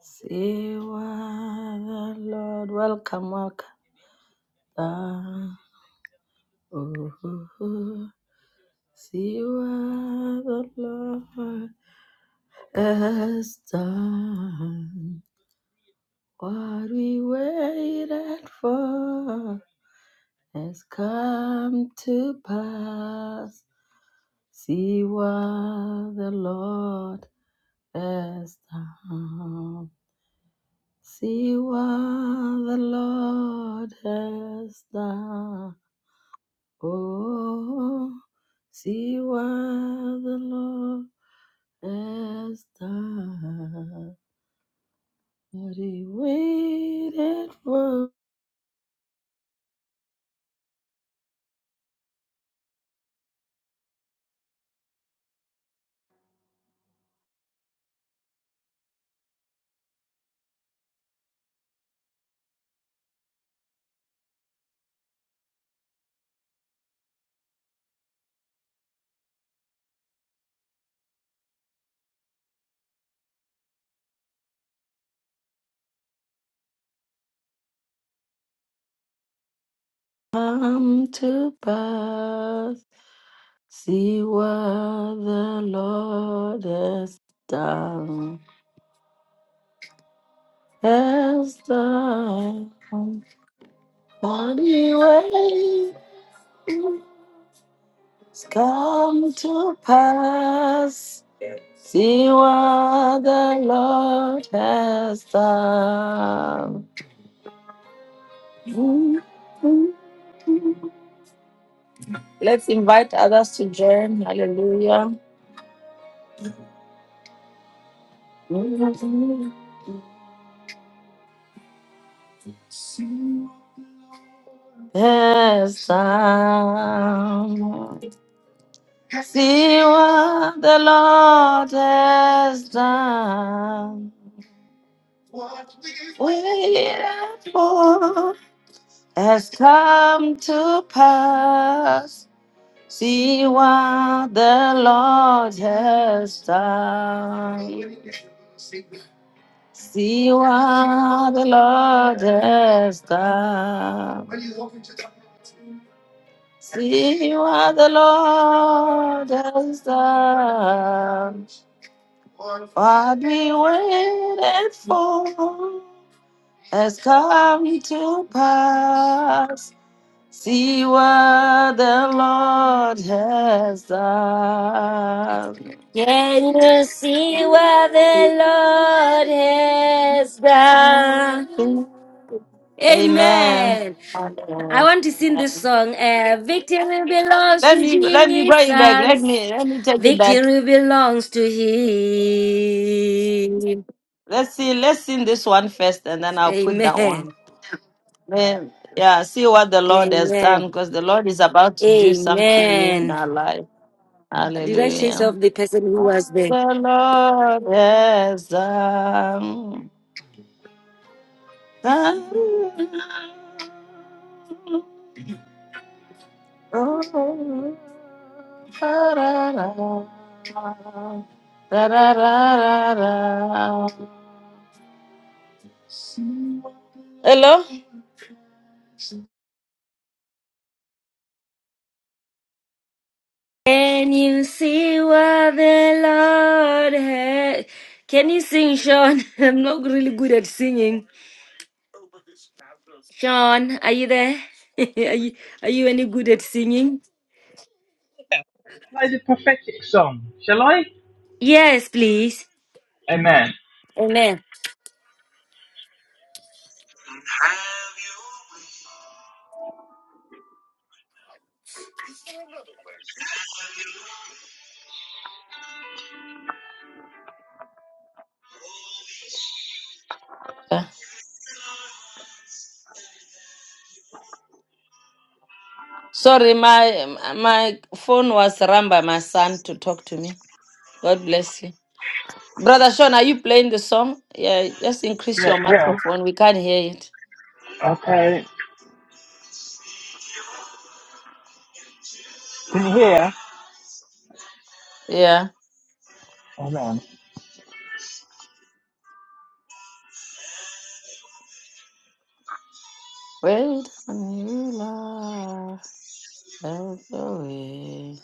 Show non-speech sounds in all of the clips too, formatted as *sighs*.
See what the Lord, welcome, welcome. Ah, ooh, ooh, ooh. See what the Lord has done. What we waited for has come to pass. See what the Lord has done. See what the Lord has done. Oh, see what the Lord has done. What he waited for come to pass. See what the Lord has done. Has done. What he waits come to pass. See what the Lord has done. Let's invite others to join. Hallelujah. Yes, um, see what the Lord has done. Wait for has come to pass. See what the Lord has done. See what the Lord has done. See what the Lord has done. What we waited for has come to pass. See what the Lord has done. Can you see what the Lord has done? Amen. Amen. I Amen. want to sing this song. Uh, victory belongs Let to me let me bring it back. Let me Jesus. let me take it back. Victory belongs to Him. Let's see. Let's sing this one first, and then I'll put that one. Amen. Then, yeah, see what the Lord has done, Amen. because the Lord is about to do something new in Amen. our life. Did I chase Hallelujah. off the person who was What there? the Lord has done. Oh, da da da da da da da da. Hello? Can you see what the Lord has? Can you sing, Sean? *laughs* I'm not really good at singing. Sean, are you there? *laughs* are, you, are you any good at singing? Play the prophetic song, shall I? Yes, please. Amen. Amen. Sorry, my my phone was run by my son to talk to me. God bless you. Brother Sean, are you playing the song? Yeah, just increase Yeah, your yeah. microphone. We can't hear it. Okay. Can you hear? Yeah. Amen. Wait on you, Lord. That's the way.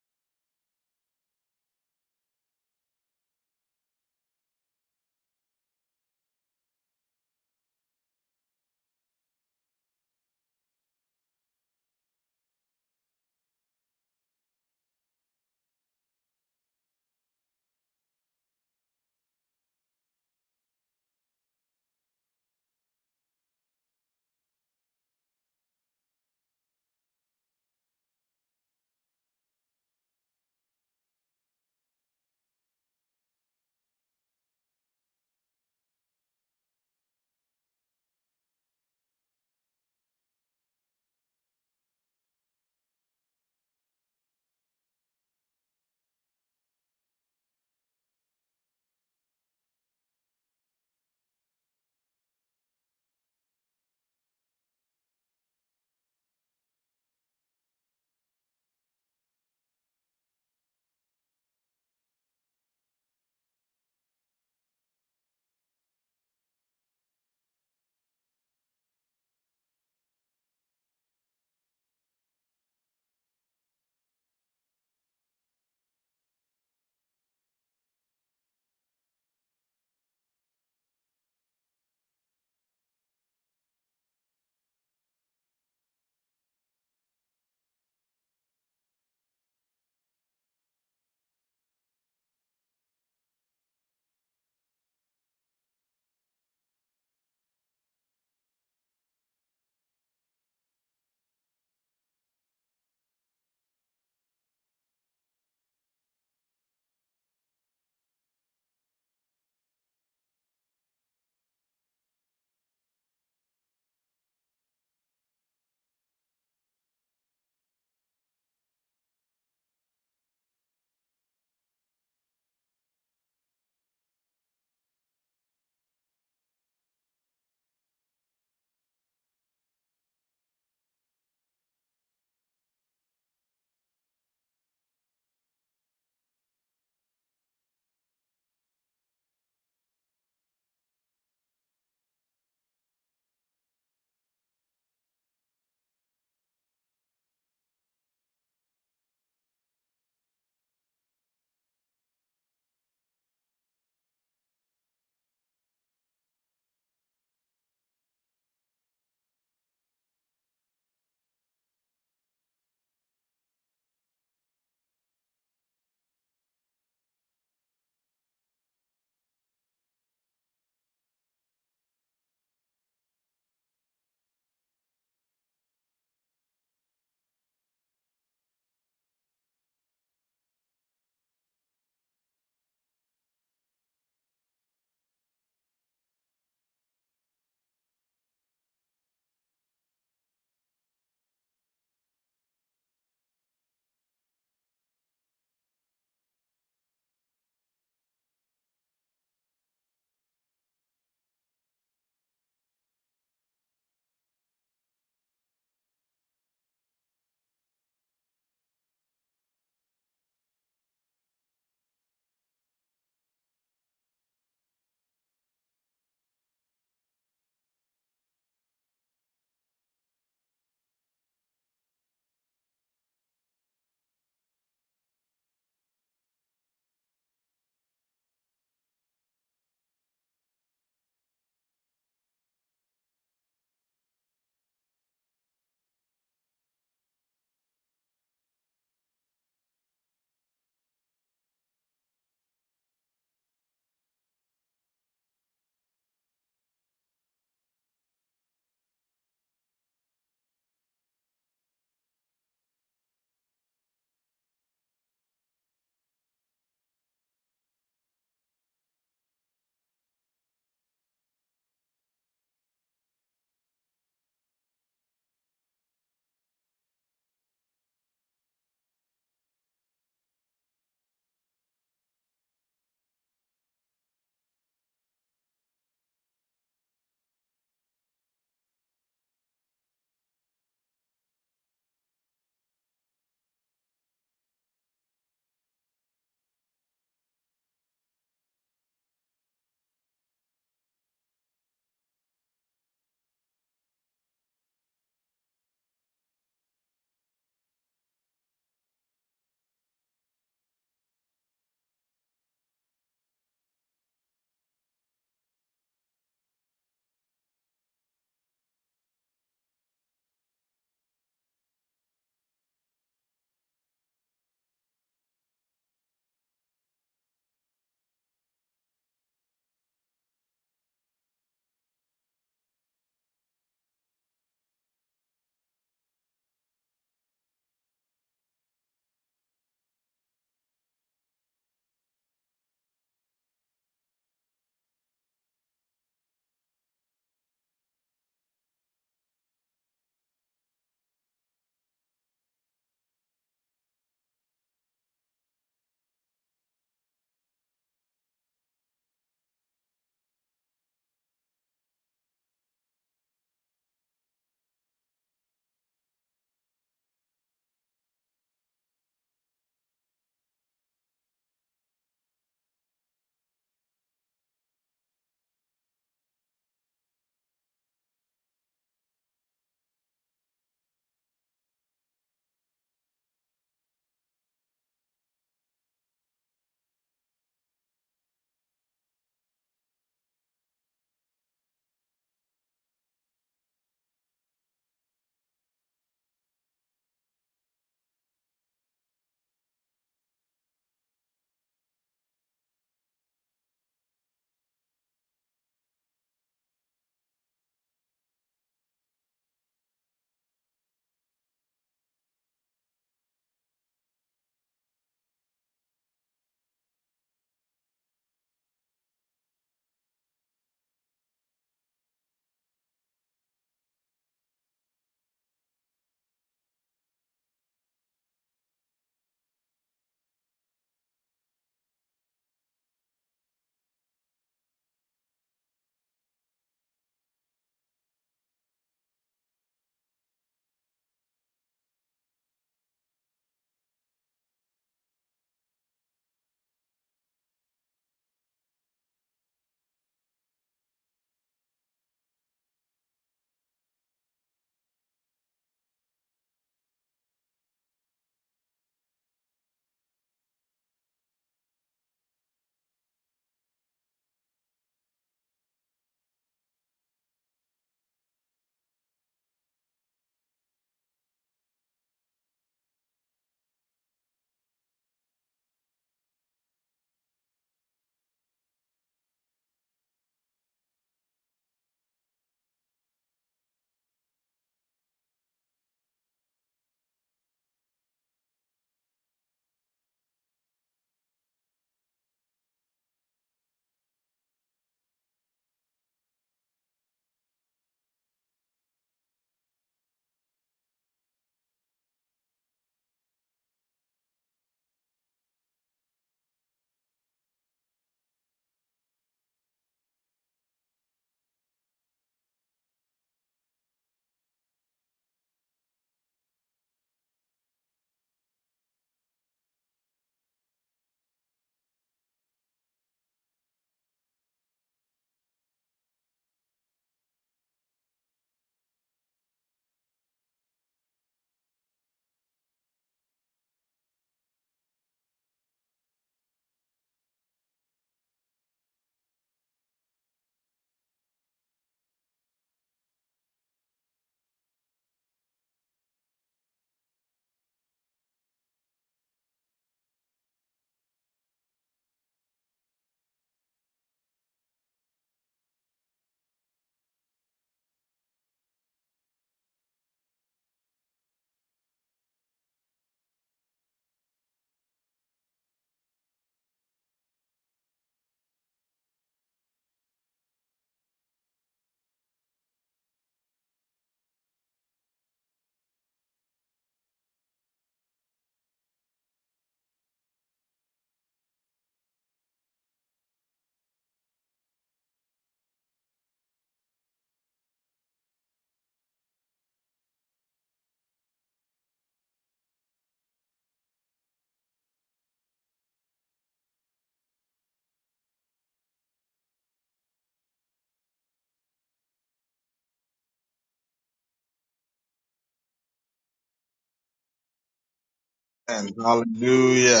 And hallelujah.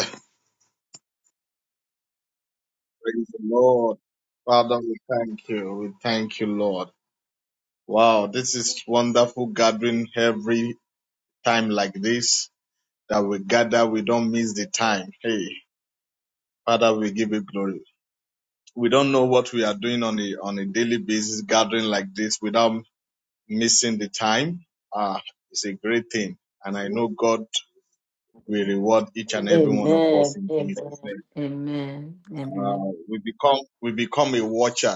Praise the Lord. Father, we thank you. We thank you, Lord. Wow, this is wonderful gathering every time like this that we gather. We don't miss the time. Hey, Father, we give you glory. We don't know what we are doing on a, on a daily basis, gathering like this without missing the time. Ah, it's a great thing. And I know God will reward each and every one of us Amen. in Jesus' Amen. name. Amen. Ah, Amen. we become, we become a watcher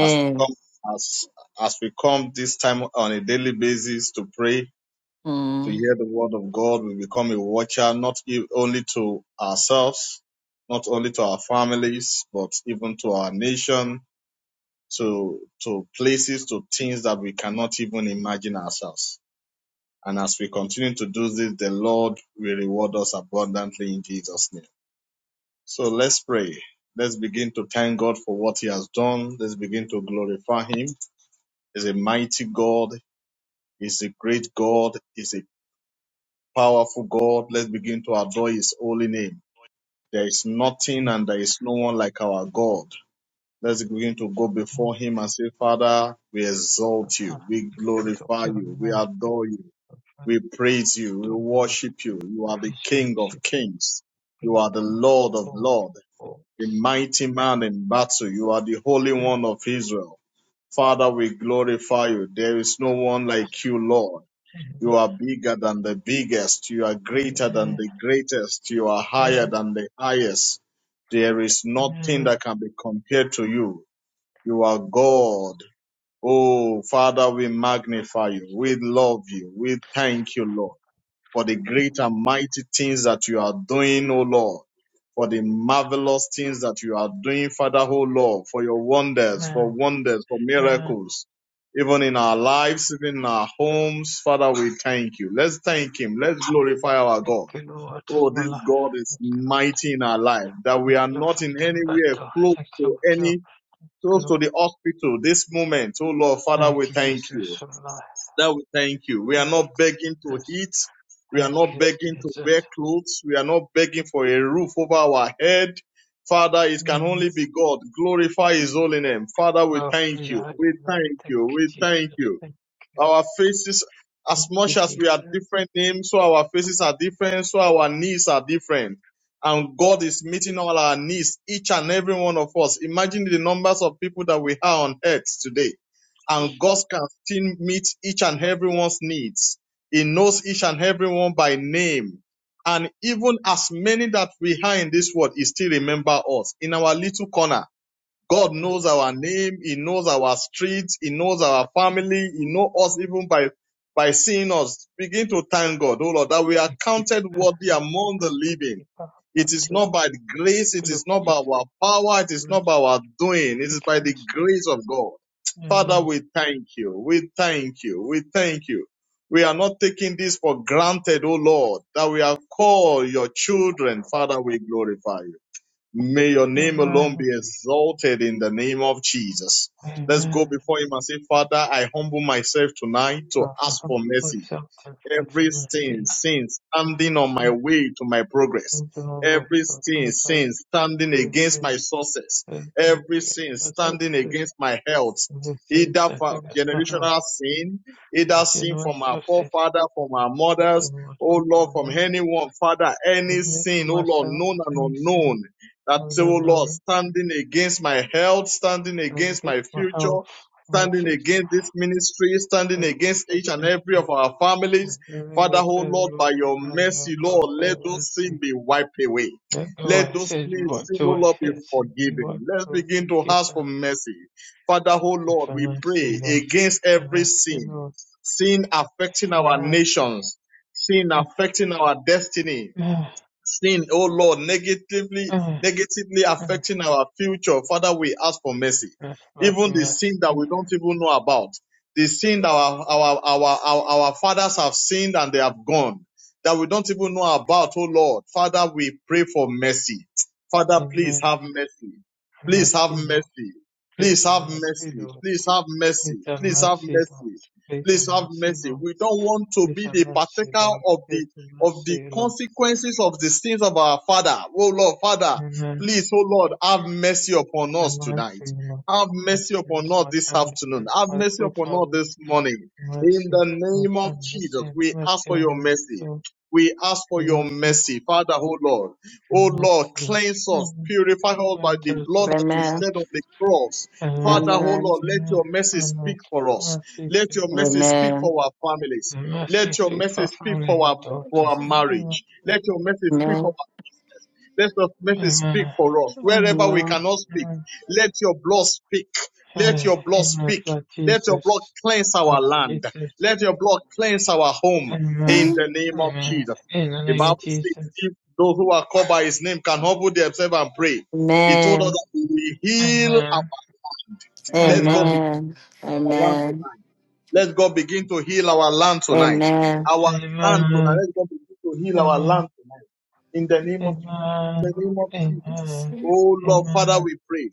as we come as as we come this time on a daily basis to pray to Mm. hear the word of God, we become a watcher not e- only to ourselves, not only to our families, but even to our nation, to to places, to things that we cannot even imagine ourselves. And as we continue to do this, the Lord will reward us abundantly in Jesus' name. So let's pray. Let's begin to thank God for what He has done. Let's begin to glorify Him is a mighty God, is a great God, is a powerful God. Let's begin to adore his holy name. There is nothing and there is no one like our God. Let's begin to go before him and say, Father, we exalt you, we glorify you, we adore you, we praise you, we worship you. You are the King of kings. You are the Lord of lords, the mighty man in battle. You are the Holy One of Israel. Father, we glorify you. There is no one like you, Lord. You are bigger than the biggest. You are greater than the greatest. You are higher than the highest. There is nothing that can be compared to you. You are God. Oh, Father, we magnify you. We love you. We thank you, Lord for the great and mighty things that you are doing, O Lord. For the marvelous things that you are doing, Father, O Lord, for your wonders, for wonders, for miracles, even in our lives, even in our homes, Father, we thank you. Let's thank Him. Let's glorify our God. Oh, this God is mighty in our life, that we are not in any way close to any, close to the hospital this moment. Oh Lord, Father, we thank you. That we thank you. We are not begging to eat. We are not begging to wear clothes. We are not begging for a roof over our head. Father, it can only be God. Glorify His holy name. Father, we thank you. We thank you. We thank you. Our faces, as much as we are different names, so our faces are different, so our needs are different. And God is meeting all our needs, each and every one of us. Imagine the numbers of people that we have on earth today. And God can still meet each and everyone's needs. He knows each and everyone by name. And even as many that we are in this world, He still remember us in our little corner. God knows our name. He knows our streets. He knows our family. He knows us even by, by seeing us. Begin to thank God, oh Lord, that we are counted worthy among the living. It is not by the grace. It is not by our power. It is not by our doing. It is by the grace of God. Father, we thank you. We thank you. We thank you. We are not taking this for granted, oh Lord, that we are called your children. Father, we glorify you. May your name alone be exalted in the name of Jesus. Let's go before him and say, Father, I humble myself tonight to ask for mercy. Every sin, sin standing on my way to my progress. Every sin, sin standing against my success. Every sin standing against my health. Either for generational sin, either sin from our forefather, from our mothers, oh Lord, from anyone, Father, any sin, oh Lord, known and unknown. That, oh Lord, standing against my health, standing against my future, standing against this ministry, standing against each and every of our families. Father, oh Lord, by your mercy, Lord, let those sins be wiped away. Let those sins, sin, oh Lord, be forgiven. Let's begin to ask for mercy. Father, oh Lord, we pray against every sin, sin affecting our nations, sin affecting our destiny, sin, oh Lord, negatively, negatively affecting our future. Father, we ask for mercy. Even the sin that we don't even know about, the sin that our, our, our, our, our fathers have sinned and they have gone, that we don't even know about, oh Lord. Father, we pray for mercy. Father, please have mercy. Please have mercy. Please have mercy. Please have mercy. Please have mercy. Please have mercy. We don't want to be the partaker of the of the consequences of the sins of our Father. Oh Lord, Father, please, oh Lord, have mercy upon us tonight. Have mercy upon us this afternoon. Have mercy upon us this morning. In the name of Jesus, we ask for your mercy. We ask for your mercy, Father, oh Lord. Oh Lord, cleanse us, purify us by the blood that you Amen. shed on the cross. Father, oh Amen. Lord, let your mercy speak for us. Let your mercy speak Amen. for our families. Let your mercy speak for our for our marriage. Let your mercy speak Amen. for let your mercy speak for us. Wherever we Amen. cannot speak, let your blood speak. Let your blood speak. Let your blood cleanse our land. Let your blood cleanse our home in the name of Jesus. The Bible says, if those who are called by his name can humble themselves and pray, he told us Amen. that He will heal our land. Amen. Let God be our land Amen. tonight. Let God begin to heal our land tonight. Amen. Our land tonight. Let God begin to heal our land tonight. In the name of in the name of Jesus. Oh Lord, Father, we pray.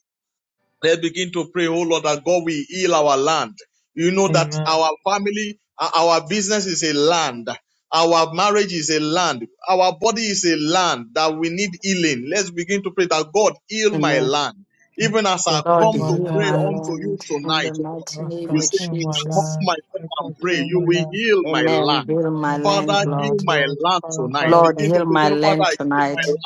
Let's begin to pray, oh Lord, that God will heal our land. You know that our family, uh, our business is a land. Our marriage is a land. Our body is a land that we need healing. Let's begin to pray that God heal my Amen. land. Even as I Lord, come to heal pray my unto you land in the tonight, oh God, mighty name you of say, I come Jesus. myself and pray. You will heal my Amen. land. Heal my land, Father, heal Lord. my land tonight. Lord, Begin to heal pray, my land Father, heal my tonight.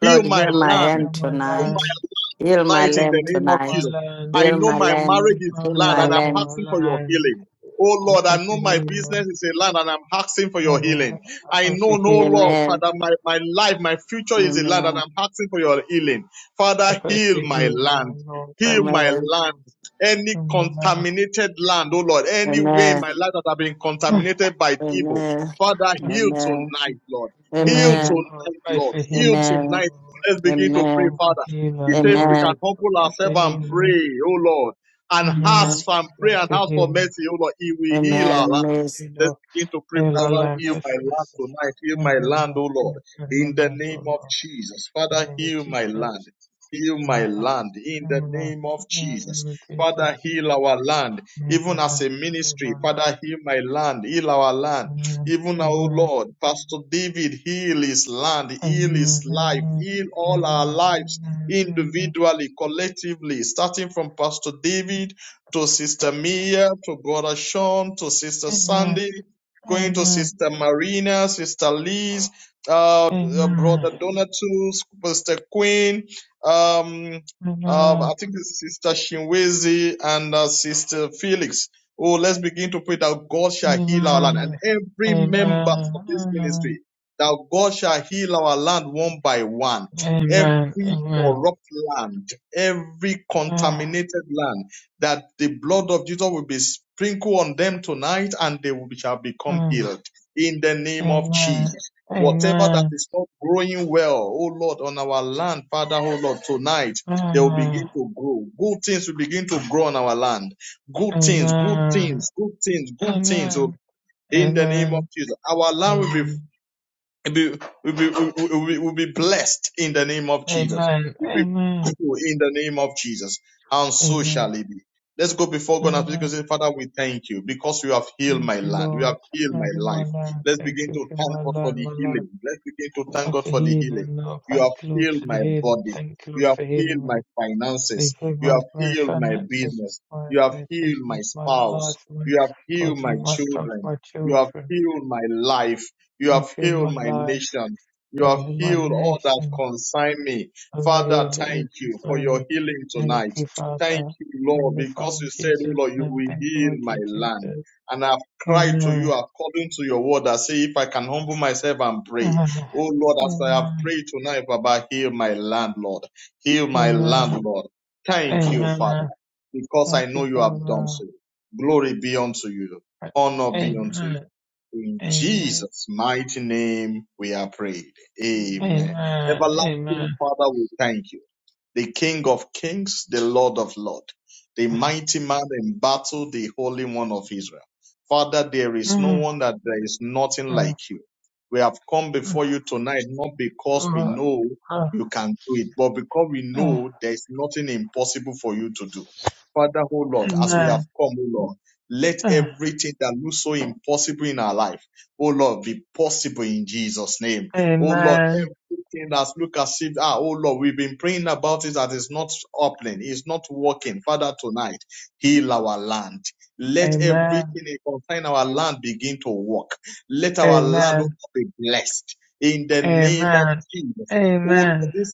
Heal Lord, my heal my land. hand Heal tonight. Heal my my land tonight in the land name of tonight. Jesus. I Heal know my my land. marriage is Heal land my and I'm land. asking for your healing. Oh Lord, I know my business is a land and I'm asking for your healing. I know, no Lord, Amen. Father, my, my life, my future is a land and Amen. I'm asking for your healing. Father, heal my land. Heal my Amen. land. Any contaminated land, oh Lord, any way in Amen. my life that have been contaminated by evil. Amen. Father, heal Amen. tonight, Lord. Heal Amen. tonight, Lord. Heal Amen. tonight. Let's begin to pray, Amen. Father. He said, if we can Amen. humble ourselves and pray, oh Lord, and ask and pray and ask for mercy, oh Lord, He will heal our Amen. land. Miss. Let's begin to pray, Father, heal my land tonight. Heal my land, oh Lord. In the name of Jesus. Father, heal my land. Heal my land in the name of Jesus. Father, heal our land, even as a ministry. Father, heal my land, heal our land even our Lord, Pastor David, heal his land, heal his life, heal all our lives individually, collectively, starting from Pastor David to Sister Mia, to Brother Sean, to Sister Sandy, going to Sister Marina, Sister Liz, uh, uh, Brother Donatus, Sister Queen, um, um, I think it's Sister Shinwezi and uh, Sister Felix. Oh, let's begin to pray that God shall heal our land and every member of this ministry, that God shall heal our land one by one. Every corrupt land, every contaminated land, that the blood of Jesus will be sprinkled on them tonight and they will, shall become healed in the name of Jesus. Whatever that is not growing well, oh Lord, on our land, Father, oh Lord, tonight they will begin to grow. Good things will begin to grow on our land good things, good things, good things, good things. Oh, in the name of Jesus, our land will be We'll be, we'll be, we'll be, we'll be blessed in the name of Jesus. We'll be thankful in the name of Jesus. And so shall it be. Let's go before God and speak and say, Father, we thank you because you have healed my land. You have healed my life. Let's begin to thank God for the healing. Let's begin to thank God for the healing. You have healed my body. You have healed my finances. You have healed my business. You have healed my spouse. You have healed my children. You have healed my life you have healed my nation. You have healed all that concern me. Father, thank you for your healing tonight. Thank you, Lord, because you said, oh Lord, you will heal my land. And I've cried to you according to your word. I say, if I can humble myself and pray. Oh Lord, as I have prayed tonight, Baba, heal my land, Lord. Heal my land, Lord. Thank you, Father, because I know you have done so. Glory be unto you. Honor be unto you. In Jesus' mighty name we are prayed. Amen. Everlasting Father, we thank you the King of kings, the Lord of lords, the mighty man in battle, the Holy One of Israel. Father, there is no one that there is nothing like you. We have come before you tonight not because we know you can do it, but because we know there is nothing impossible for you to do. Father, oh Lord, as we have come, oh Lord, let everything that looks so impossible in our life, oh Lord, be possible in Jesus' name. Oh Lord, things that look as if, ah, oh Lord, we've been praying about it that is not happening, it's not working. Father, tonight, heal our land. Let everything that concern our land begin to work. Let our land also be blessed in the name of Jesus. All Oh, this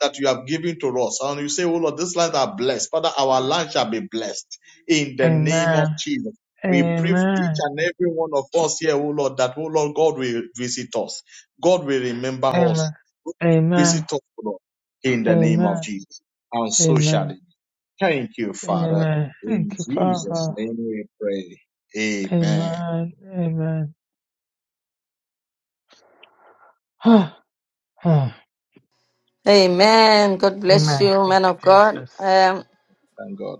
that you have given to us. And you say, Oh Lord, these lands are blessed. Father, our land shall be blessed in the name of Jesus. We pray for each and every one of us here, oh Lord, that, oh Lord, God will visit us. God will remember us. Visit us, oh Lord, in the name of Jesus. And so shall it. be. Thank you, Father. In Jesus' name we pray. Amen. Amen. God bless you, man of God. Um, Thank God.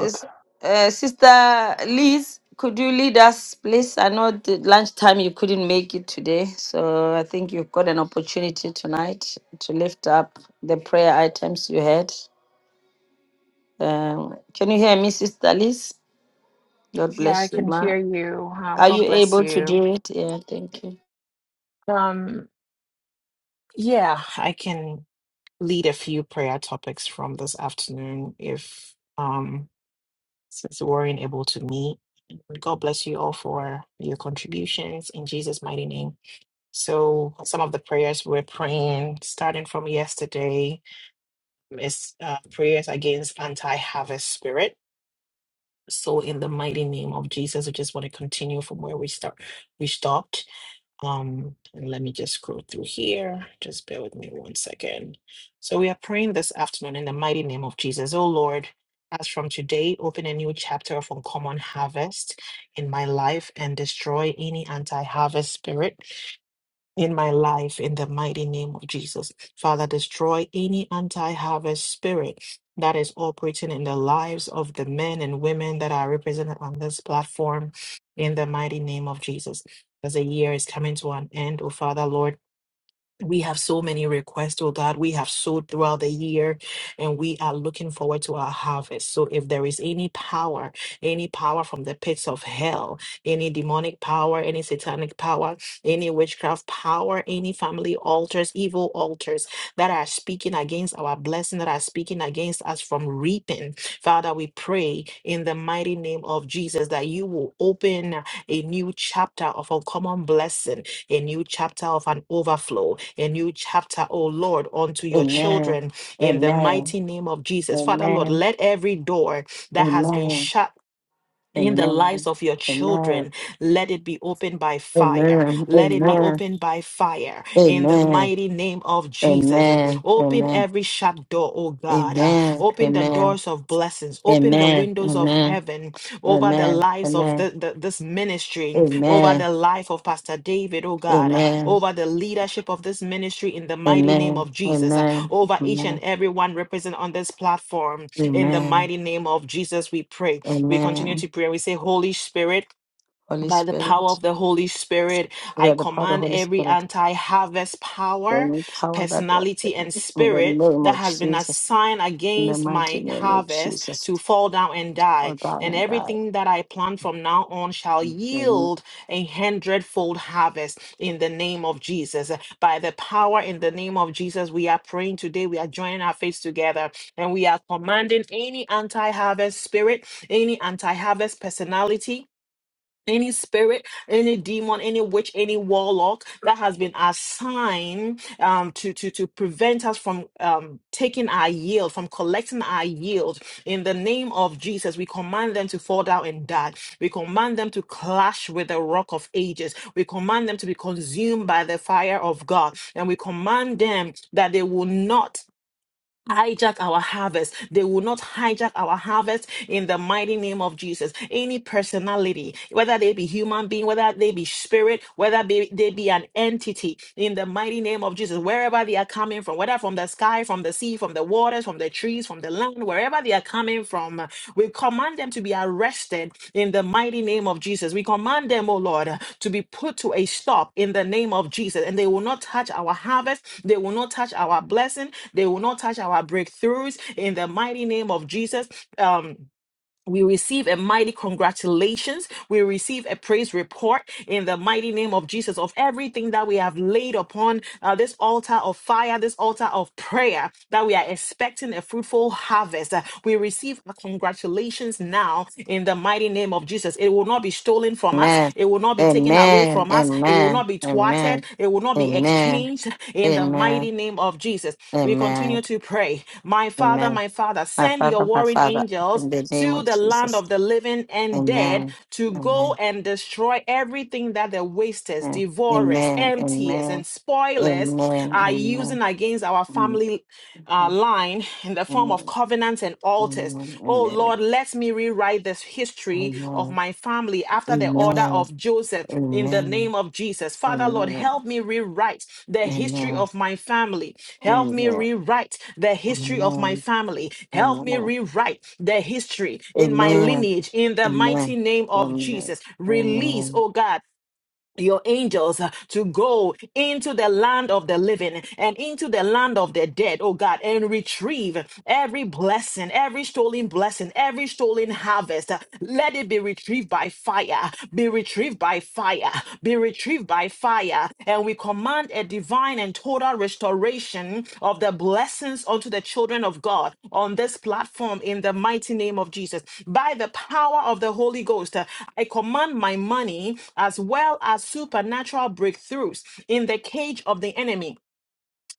is- uh, Sister Liz, could you lead us, please? I know the lunchtime you couldn't make it today, so I think you've got an opportunity tonight to lift up the prayer items you had. Um, can you hear me, Sister Liz? God Yeah, I bless you, can ma. hear you. Um, Are you God bless able to you. do it? Yeah, thank you. Um, yeah, I can lead a few prayer topics from this afternoon if um since we weren't able to meet. God bless you all for your contributions in Jesus' mighty name. So some of the prayers we're praying, starting from yesterday, is uh, prayers against anti-harvest spirit. So in the mighty name of Jesus, I just want to continue from where we start we stopped Um, and let me just scroll through here. Just bear with me one second. So we are praying this afternoon in the mighty name of Jesus. Oh Lord, as from today, open a new chapter of uncommon harvest in my life and destroy any anti-harvest spirit in my life in the mighty name of Jesus. Father, destroy any anti harvest spirit that is operating in the lives of the men and women that are represented on this platform in the mighty name of Jesus. As the year is coming to an end, oh Father, Lord. We have so many requests, oh God. We have sowed throughout the year and we are looking forward to our harvest. So if there is any power, any power from the pits of hell, any demonic power, any satanic power, any witchcraft power, any family altars, evil altars that are speaking against our blessing, that are speaking against us from reaping, Father, we pray in the mighty name of Jesus that you will open a new chapter of uncommon blessing a new chapter of an overflow, a new chapter, oh Lord, unto your Amen. children in the Amen. mighty name of Jesus. Father, Lord, Amen. let every door that has been Amen. shut in the lives Amen. of your Amen. Amen. children. Let it be opened by fire. Amen. Let it be opened by fire in the Amen. Amen. mighty name of Jesus. Um, Amen. Amen. Open Amen. Amen. every shut door, oh God. Uh, Open the Amen. doors of blessings. Open the Amen. windows of Amen. heaven over the Amen. lives of the, the- this ministry, Amen. over Amen. the life of Pastor David, oh God, Uh, Amen. over the leadership of this ministry in the mighty name Amen. of Jesus, Uh, over each and every one represented on this platform. In the mighty Amen. name of Jesus, we pray. We Amen. continue to pray. We say, Holy Spirit, Holy by the power Spirit. of the Holy Spirit, We I are the power of the command Holy every Spirit. anti harvest power, Any power that operates personality, and in the spirit name that of has been Jesus, assigned in the against mighty my name of harvest Jesus, to fall down and all die. down And and die. everything that I plant from now on shall Amen. yield a hundredfold harvest in the name of Jesus. By the power in the name of Jesus, we are praying today. We are joining our faith together and we are commanding any anti harvest spirit, any anti harvest personality any spirit, any demon, any witch, any warlock that has been assigned um, to to to prevent us from um, taking our yield, from collecting our yield, in the name of Jesus, we command them to fall down and die. We command them to clash with the rock of ages. We command them to be consumed by the fire of God, and we command them that they will not hijack our harvest. They will not hijack our harvest in the mighty name of Jesus. Any personality, whether they be human being, whether they be spirit, whether be, they be an entity, in the mighty name of Jesus, wherever they are coming from, whether from the sky, from the sea, from the waters, from the trees, from the land, wherever they are coming from, we command them to be arrested in the mighty name of Jesus. We command them, oh Lord, uh, to be put to a stop in the name of Jesus. And they will not touch our harvest. They will not touch our blessing. They will not touch our breakthroughs in the mighty name of Jesus. Um, we receive a mighty congratulations. We receive a praise report in the mighty name of Jesus of everything that we have laid upon uh, this altar of fire, this altar of prayer, that we are expecting a fruitful harvest. Uh, we receive a congratulations now in the mighty name of Jesus. It will not be stolen from us. Amen. It will not be taken away Amen. from us. It will not Amen. be thwarted Amen. traded. It will not be exchanged in the Amen. mighty name of Jesus. We Amen. continue to pray. My Father, Amen. my Father, My send your Father, my warring Father, angels in the name of to the land Jesus. of the living and dead Amen. to go Amen. and destroy everything that the wasters, Amen. devourers, Amen. emptiers, Amen. and Amen. spoilers Amen. are Amen. using against our family uh, line in the form of covenant monuments and altars. Oh Amen. Lord, let me rewrite this history of my family after the order Amen. of Amen. Joseph in the Amen. name of Jesus. Father, Lord, Amen. help me rewrite the history Amen. of my family. Help me Amen. rewrite the history of my Amen. family. Help me Amen. rewrite the history in my Amen. lineage in the mighty Amen. name of Amen. Jesus. Release, oh God your angels uh, to go into the land of the living and into the land of the dead, oh God, and retrieve every blessing, every stolen blessing, every stolen harvest. Uh, Let it be retrieved by fire, be retrieved by fire, be retrieved by fire and we command a divine and total restoration of the blessings unto the children of God on this platform in the mighty name of Jesus. By the power of the Holy Ghost, uh, I command my money as well as supernatural breakthroughs in the cage of the enemy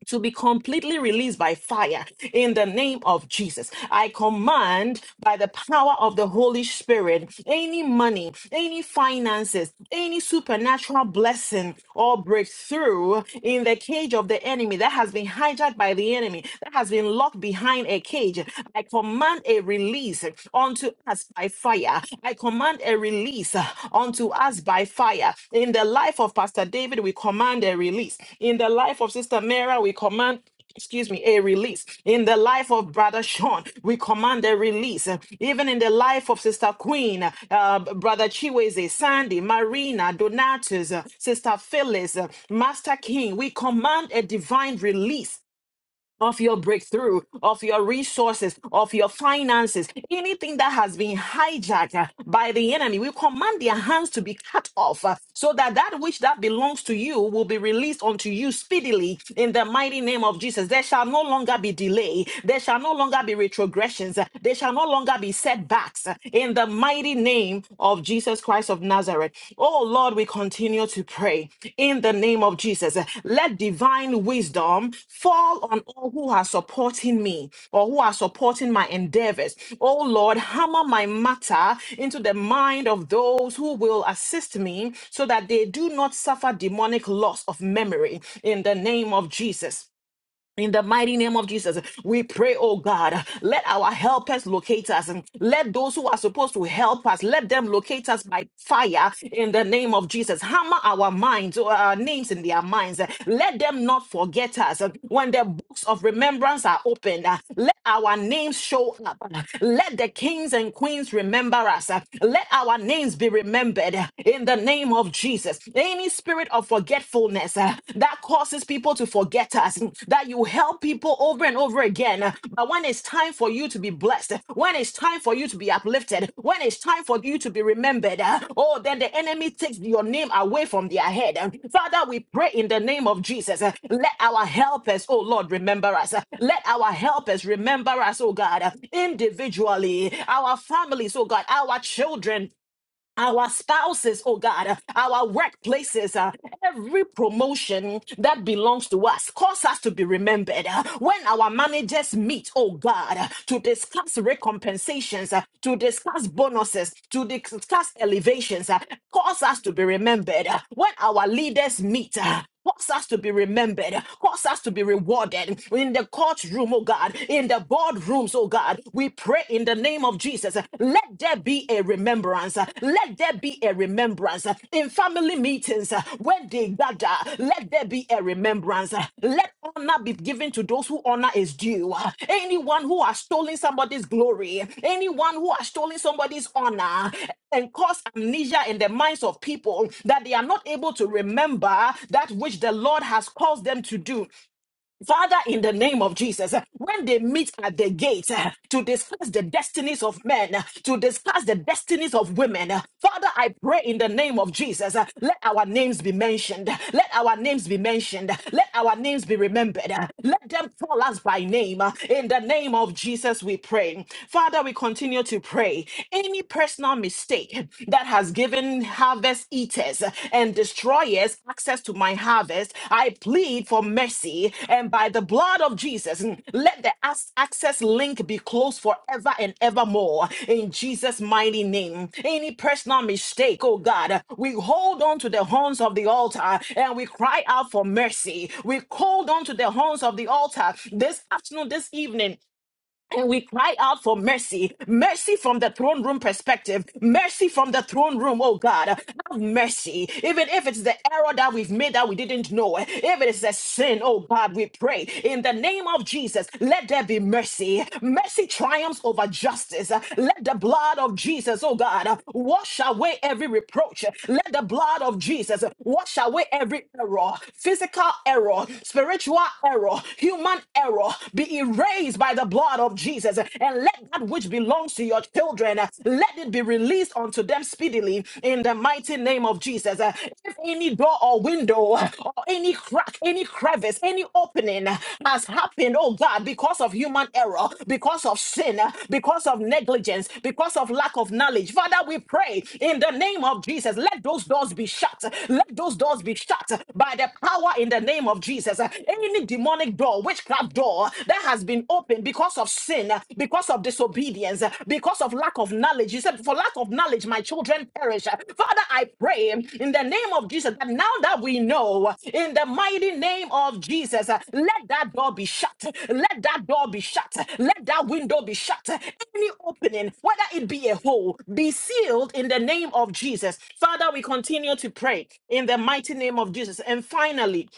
to be completely released by fire in the name of Jesus. I command by the power of the Holy Spirit any money, any finances, any supernatural blessing or breakthrough in the cage of the enemy that has been hijacked by the enemy, that has been locked behind a cage. I command a release unto us by fire. I command command a release uh, unto us by fire. In the life of Pastor David, we command a release. In the life of Sister Mara, we command excuse me, a release. In the life of Brother Sean, we command a release. Even in the life of Sister Queen, uh, Brother Chiweze, Sandy, Marina, Donatus, uh, Sister Phyllis, uh, Master King, we command a divine release off your breakthrough, off your resources, off your finances, anything that has been hijacked uh, by the enemy. We command their hands to be cut off uh, so that that which that belongs to you will be released unto you speedily in the mighty name of Jesus. There shall no longer be delay. There shall no longer be retrogressions. uh, There shall no longer be setbacks uh, in the mighty name of of Jesus Christ of Nazareth. Oh Lord, we continue to pray in the name of Jesus. Let divine wisdom fall on all who are supporting me or who are supporting my endeavors. Oh Lord, hammer my matter into the mind of those who will assist me so that they do not suffer demonic loss of memory in the name of Jesus. In the mighty name of Jesus, we pray, oh God, let our helpers locate us and let those who are supposed to help us, let them locate us by fire in the name of Jesus. Hammer our minds, uh, our names in their minds. Let them not forget us. When the books of remembrance are opened, uh, let our names show up. Let the kings and queens remember us. Let our names be remembered in the name of Jesus. Any spirit of forgetfulness uh, that causes people to forget us, that you help people over and over again. uh, But when it's time for you to be blessed, when it's time for you to be uplifted, when it's time for you to be remembered, uh, oh, then the enemy takes your name away from their head. Uh, Father, we pray in the name of Jesus. uh, Let our helpers, oh Lord, remember us. Uh, Let our helpers remember us, oh God, uh, individually, our families, oh God, our children, our spouses, oh God, uh, our workplaces, uh, every promotion that belongs to us, cause us to be remembered. Uh, When our managers meet, oh God, uh, to discuss recompensations, uh, to discuss bonuses, to discuss elevations, uh, cause us to be remembered. Uh, When our leaders meet, uh, Cause us to be remembered, cause us to be rewarded in the courtroom, oh God, in the boardrooms, oh God. We pray in the name of Jesus. Let there be a remembrance. Let there be a remembrance in family meetings when they gather. Let there be a remembrance remembrance. Let honor be given to those who honor is due. Anyone who has stolen somebody's glory, anyone who has stolen somebody's honor, and cause amnesia in the minds of people that they are not able to remember that which the Lord has caused them to do. Father, in the name of Jesus, eh, when they meet at the gate eh, to discuss the destinies of men, eh, to discuss the destinies of women, eh, Father, I pray in the name of Jesus, eh, let our names be mentioned. Let our names be mentioned. Let our names be remembered. eh, Let them call us by name. eh, In the name of Jesus, we pray. Father, we continue to pray. Any personal mistake that has given giving harvest eaters and destroyers access to my harvest. I plead for mercy, and by the blood of Jesus, let the ac- access link be closed forever and evermore. In Jesus' mighty name, any personal mistake, oh God, we hold on to the horns of the altar and we cry out for mercy. We hold on to the horns of the altar this afternoon, this evening and we cry out for mercy, mercy from the throne room perspective, mercy from the throne room. Oh God, have mercy. Even if it's the error that we've made that we didn't know, if it is a sin, oh God, we pray in the name of Jesus, let there be mercy. Mercy triumphs over justice. Let the blood of Jesus, oh God, wash away every reproach. Let the blood of Jesus wash away every error, physical error, spiritual error, human error, be erased by the blood of Jesus. And let that which belongs to your children, uh, let it be released unto them speedily in the mighty name of Jesus. Uh, If any door or window uh, or any crack, any crevice, any opening uh, has happened, oh God, because of human error, because of sin, uh, because of negligence, because of lack of knowledge, Father, we pray in the name of Jesus, let those doors be shut. Let those doors be shut by the power in the name of Jesus. Any demonic demonic door, witchcraft door that has been opened because of sin, because of disobedience, because of lack of knowledge. You said, For lack of knowledge, my children perish. Father, I pray in the name of Jesus that now that we know, in the mighty name of Jesus, uh, let that door be shut. Let that door be shut. Let that window be shut. Any opening, whether it be a hole, be sealed in the name of Jesus. Father, we continue to pray in the mighty name of Jesus. And finally,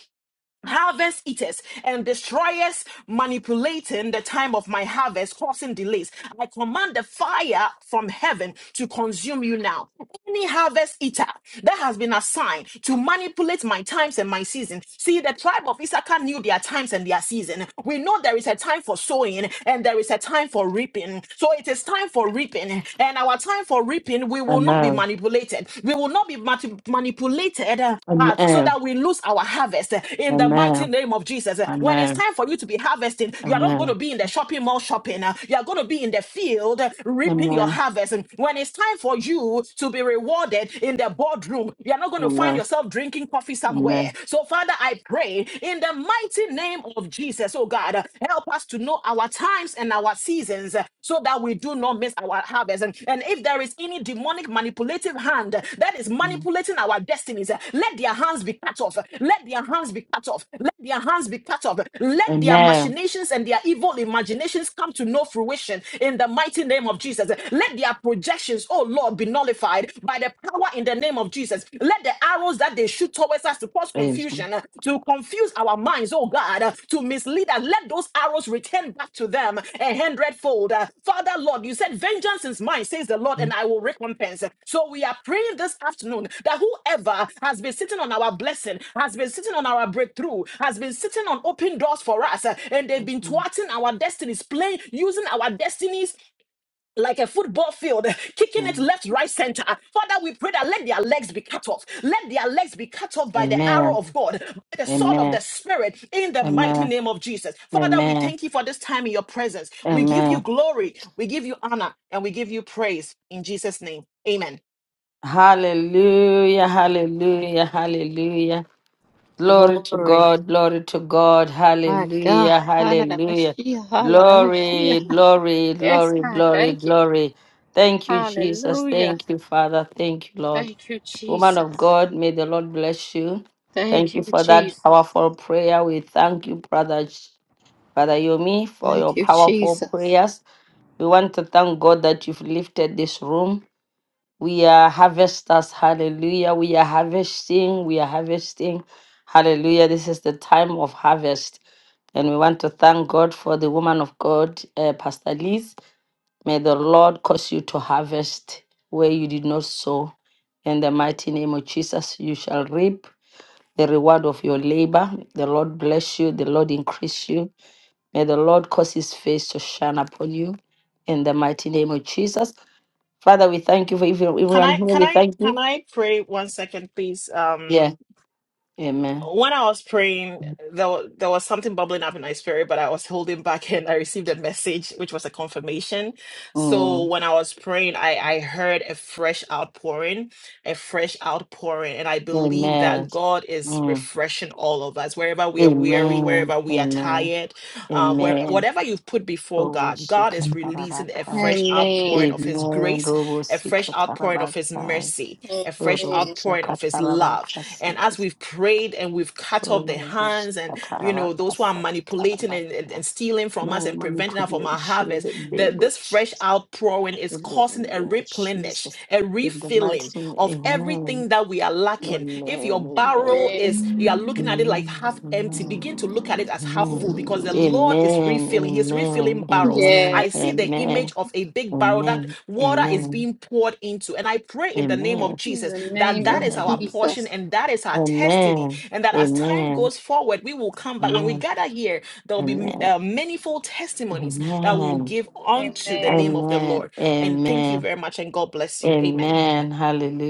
harvest eaters and destroyers manipulating the time of my harvest, causing delays. I command the fire from heaven to consume you now. Any harvest eater that has been assigned to manipulate my times and my season. See, the tribe of Issachar knew their times and their season. We know there is a time for sowing and there is a time for reaping. So it is time for reaping. And our time for reaping, we will will not be Amen. manipulated. We will not be mati- manipulated uh, uh, so Amen. that we lose our harvest uh, Amen. in the mighty Amen. name of Jesus. Uh, When it's Amen. time for you to be harvesting, you are not going Amen. to be in the shopping mall shopping. uh, You are going to be in the field uh, reaping your Amen. harvest. And When it's time for you to be rewarded in the boardroom, you are not going to find Amen. yourself drinking coffee somewhere. Amen. So, Father, I pray in the mighty name of Jesus, oh God, uh, help help us to know our times and our seasons uh, so that we do not miss our harvest. And, and if there is any demonic manipulative hand uh, that is Mm. manipulating our destinies, uh, let their hands be cut off. Let their hands be cut off. Let their hands be cut off. Let their Amen. machinations and their evil imaginations come to no fruition in the mighty name of Jesus. Let their projections, oh Lord, be nullified by the power in the name of Jesus. Let the arrows that they shoot towards us to cause Praise Him. confusion, uh, to confuse our minds, oh God, uh, to mislead us. Let those arrows return back to them a hundredfold. Uh, Father, Lord, you said, Vengeance is mine, says the Lord, Mm. and I will recompense. So we are praying this afternoon that whoever has been sitting on our blessing, has been sitting on our breakthrough, has been sitting on open doors for us, uh, and they've Praise been Him. thwarting our destinies, playing, using our destinies like a football field, *laughs* kicking it Mm. left, right, center. Father, we pray that let their legs be cut off. Let their legs be cut off by the arrow Amen. of God, by the sword of Amen. the Spirit, in the mighty Amen. name of Jesus. Father, we Amen. thank you for this time in your presence. We give you Amen. glory, we give you honor, and we give you praise in Jesus' name. Amen. Hallelujah. Hallelujah. Hallelujah. Glory to Glory. God, glory to God, My God. hallelujah, Hallelujah. hallelujah. Mashiach. Hallelujah. Glory, Mashiach. glory, Yes, glory, God. glory, Thank you. glory. Thank you, Jesus. Hallelujah. Thank you, Father. Thank you, Lord. Thank you, Woman of Jesus. God, may the Lord bless you. Thank Thank you you, for that Jesus. powerful prayer. We thank you, Brother, Brother Yomi, for Thank your you, powerful Jesus. prayers. We want to thank God that you've lifted this room. We are harvesters. Hallelujah. We are harvesting. We are harvesting. Hallelujah. This is the time of harvest. And we want to thank God for the woman of God, uh, Pastor Liz. May the Lord cause you to harvest where you did not sow. In the mighty name of Jesus, you shall reap the reward of your labor. The Lord bless you. The Lord increase you. May the Lord cause his face to shine upon you. In the mighty name of Jesus. Father, we thank you for every- Can everyone I here. can We I thank you can I pray one second, please? Um Yeah. Amen. when I was praying, there wa- there was something bubbling up in my spirit, but I was holding back, *laughs* and I received a message, which was a confirmation. So Mm. when I was praying, I I heard a fresh outpouring, a fresh outpouring. And I believe Amen. that God is Mm. refreshing all of us, wherever we are weary, Amen. wherever we are Amen. tired, uh, where, Amen. whatever you've put before God, God is releasing a Roboshikatarabaka. fresh Amen. outpouring of His Amen. grace, a fresh outpouring of His Roboshikatarabaka. mercy, a fresh Amen. outpouring of His love. Roboshakatarabaka. And as Sakata. we've prayed and we've cut off the hands and, you know, Roboshikatarabaka. those who are manipulating Sakatarabaka. and, and, and stealing from us No and preventing us from our manipulation in harvest, the name that of this fresh Jesus. outpouring is In the causing a name of replenish, Jesus. a In the mighty refilling of name. Amen. everything that we are lacking. If Amen. your barrel Amen. is, Amen. you are looking at it like Amen. half empty, Amen. begin to look at it as half Amen. full because the Lord is Amen. refilling. He's Amen. refilling barrels. Amen. I Yes. see the Amen. image of a big barrel that Amen. water is Amen. being poured into. And I pray in the name of Amen. In Jesus the that name that of is our Amen. portion Jesus. and that is our testimony. Amen. And that as time Amen. goes forward, we will come back. When we Amen. gather here, there will be Amen. uh, manifold testimonies that we will Amen. give unto the Amen. In name of the Amen. Lord. And thank you Amen. very much, and God bless you. Amen. Amen.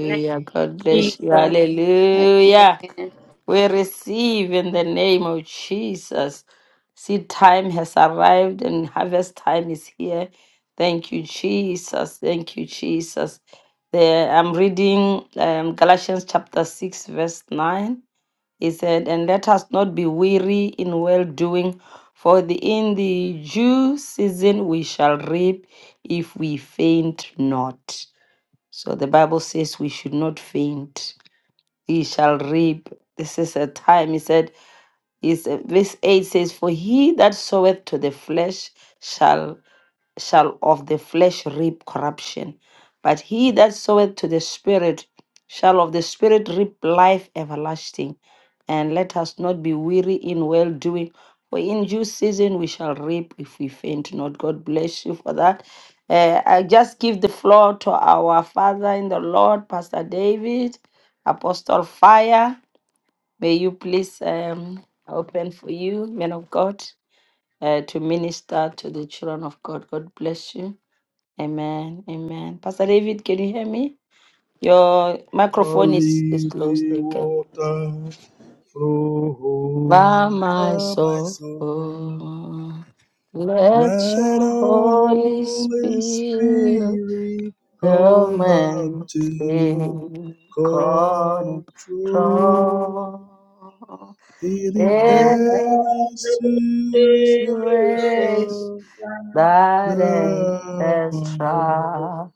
the name God of bless you. Jesus. Hallelujah. Amen. We receive in the name of Jesus. Seed time has arrived and harvest time is here. Thank you, Jesus. Thank you, Jesus. There, I'm reading um, Galatians chapter 6, verse 9. He said, And let us not be weary in well doing, for the, in the due season we shall reap if we faint not. So the Bible says we should not faint. He shall reap. This is a time. He said, is verse 8 says, For he that soweth to the flesh shall shall of the flesh reap corruption, but he that soweth to the Spirit shall of the Spirit reap life everlasting. And let us not be weary in well doing, for in due season we shall reap if we faint not. God bless you for that. Uh, I just give the floor to our Father in the Lord, Pastor David, Apostle Fire. May you please um, open for you, men of God, uh, to minister to the children of God. God bless you. Amen. Amen. Pastor David, can you hear me? Your microphone is, is Only closed. the Okay. water flow By my over my soul, soul. let Let the your Holy Holy Spirit Spirit come come and and take take control. control. In the All Every heavenly race creation, that now has troubled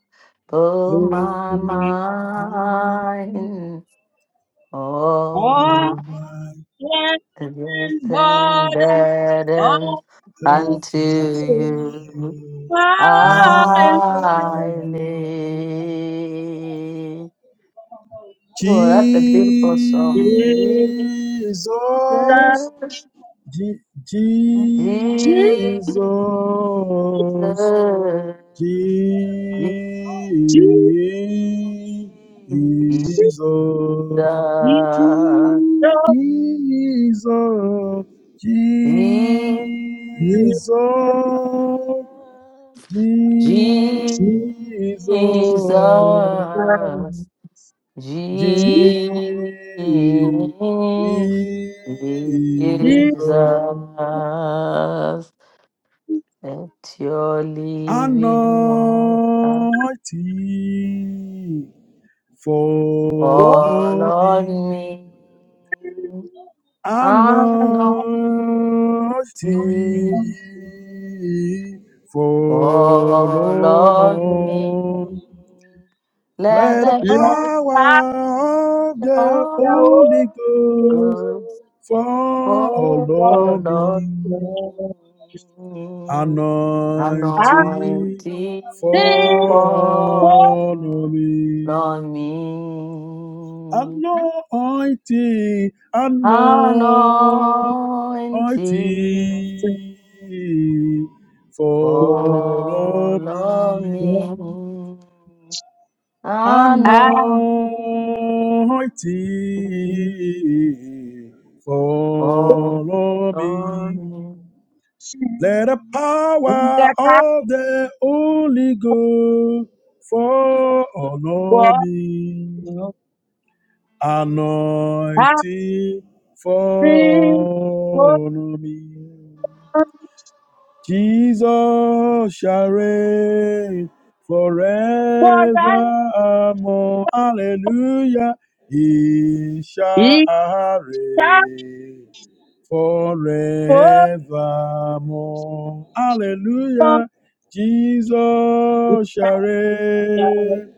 my mind. All my and flesh bills and and bodies, burdens all unto unto you you, my my I Lord. Lord. lay. Oh, that's a beautiful song. Is that Jesus, Jesus, Je- Jesus, Jesus, Jesus, Jesus, Jesus, Jesus, Jesus, Jesus. Jesus, Jesus, Jesus. Jesus, Jesus, Jesus, Jesus, let your living water anointing, fall follow on me, me, anointing. Jesus, anointing, Follow follow Love I me. know us. Let Let the the Holy power of the Holy Ghost Ghost fall follow on me. me. I Anointing Anointing think for follow follow me. me. Anointing, anointing Anointing follow Follow me. me. I anointing I know think all follow of me. me. Let the in power the castle of the Holy Ghost follow for me. I Anointing think for follow me. Jesus shall reign for that forevermore. Hallelujah. He shall it's a reign for forevermore. Hallelujah. it's Jesus a shall reign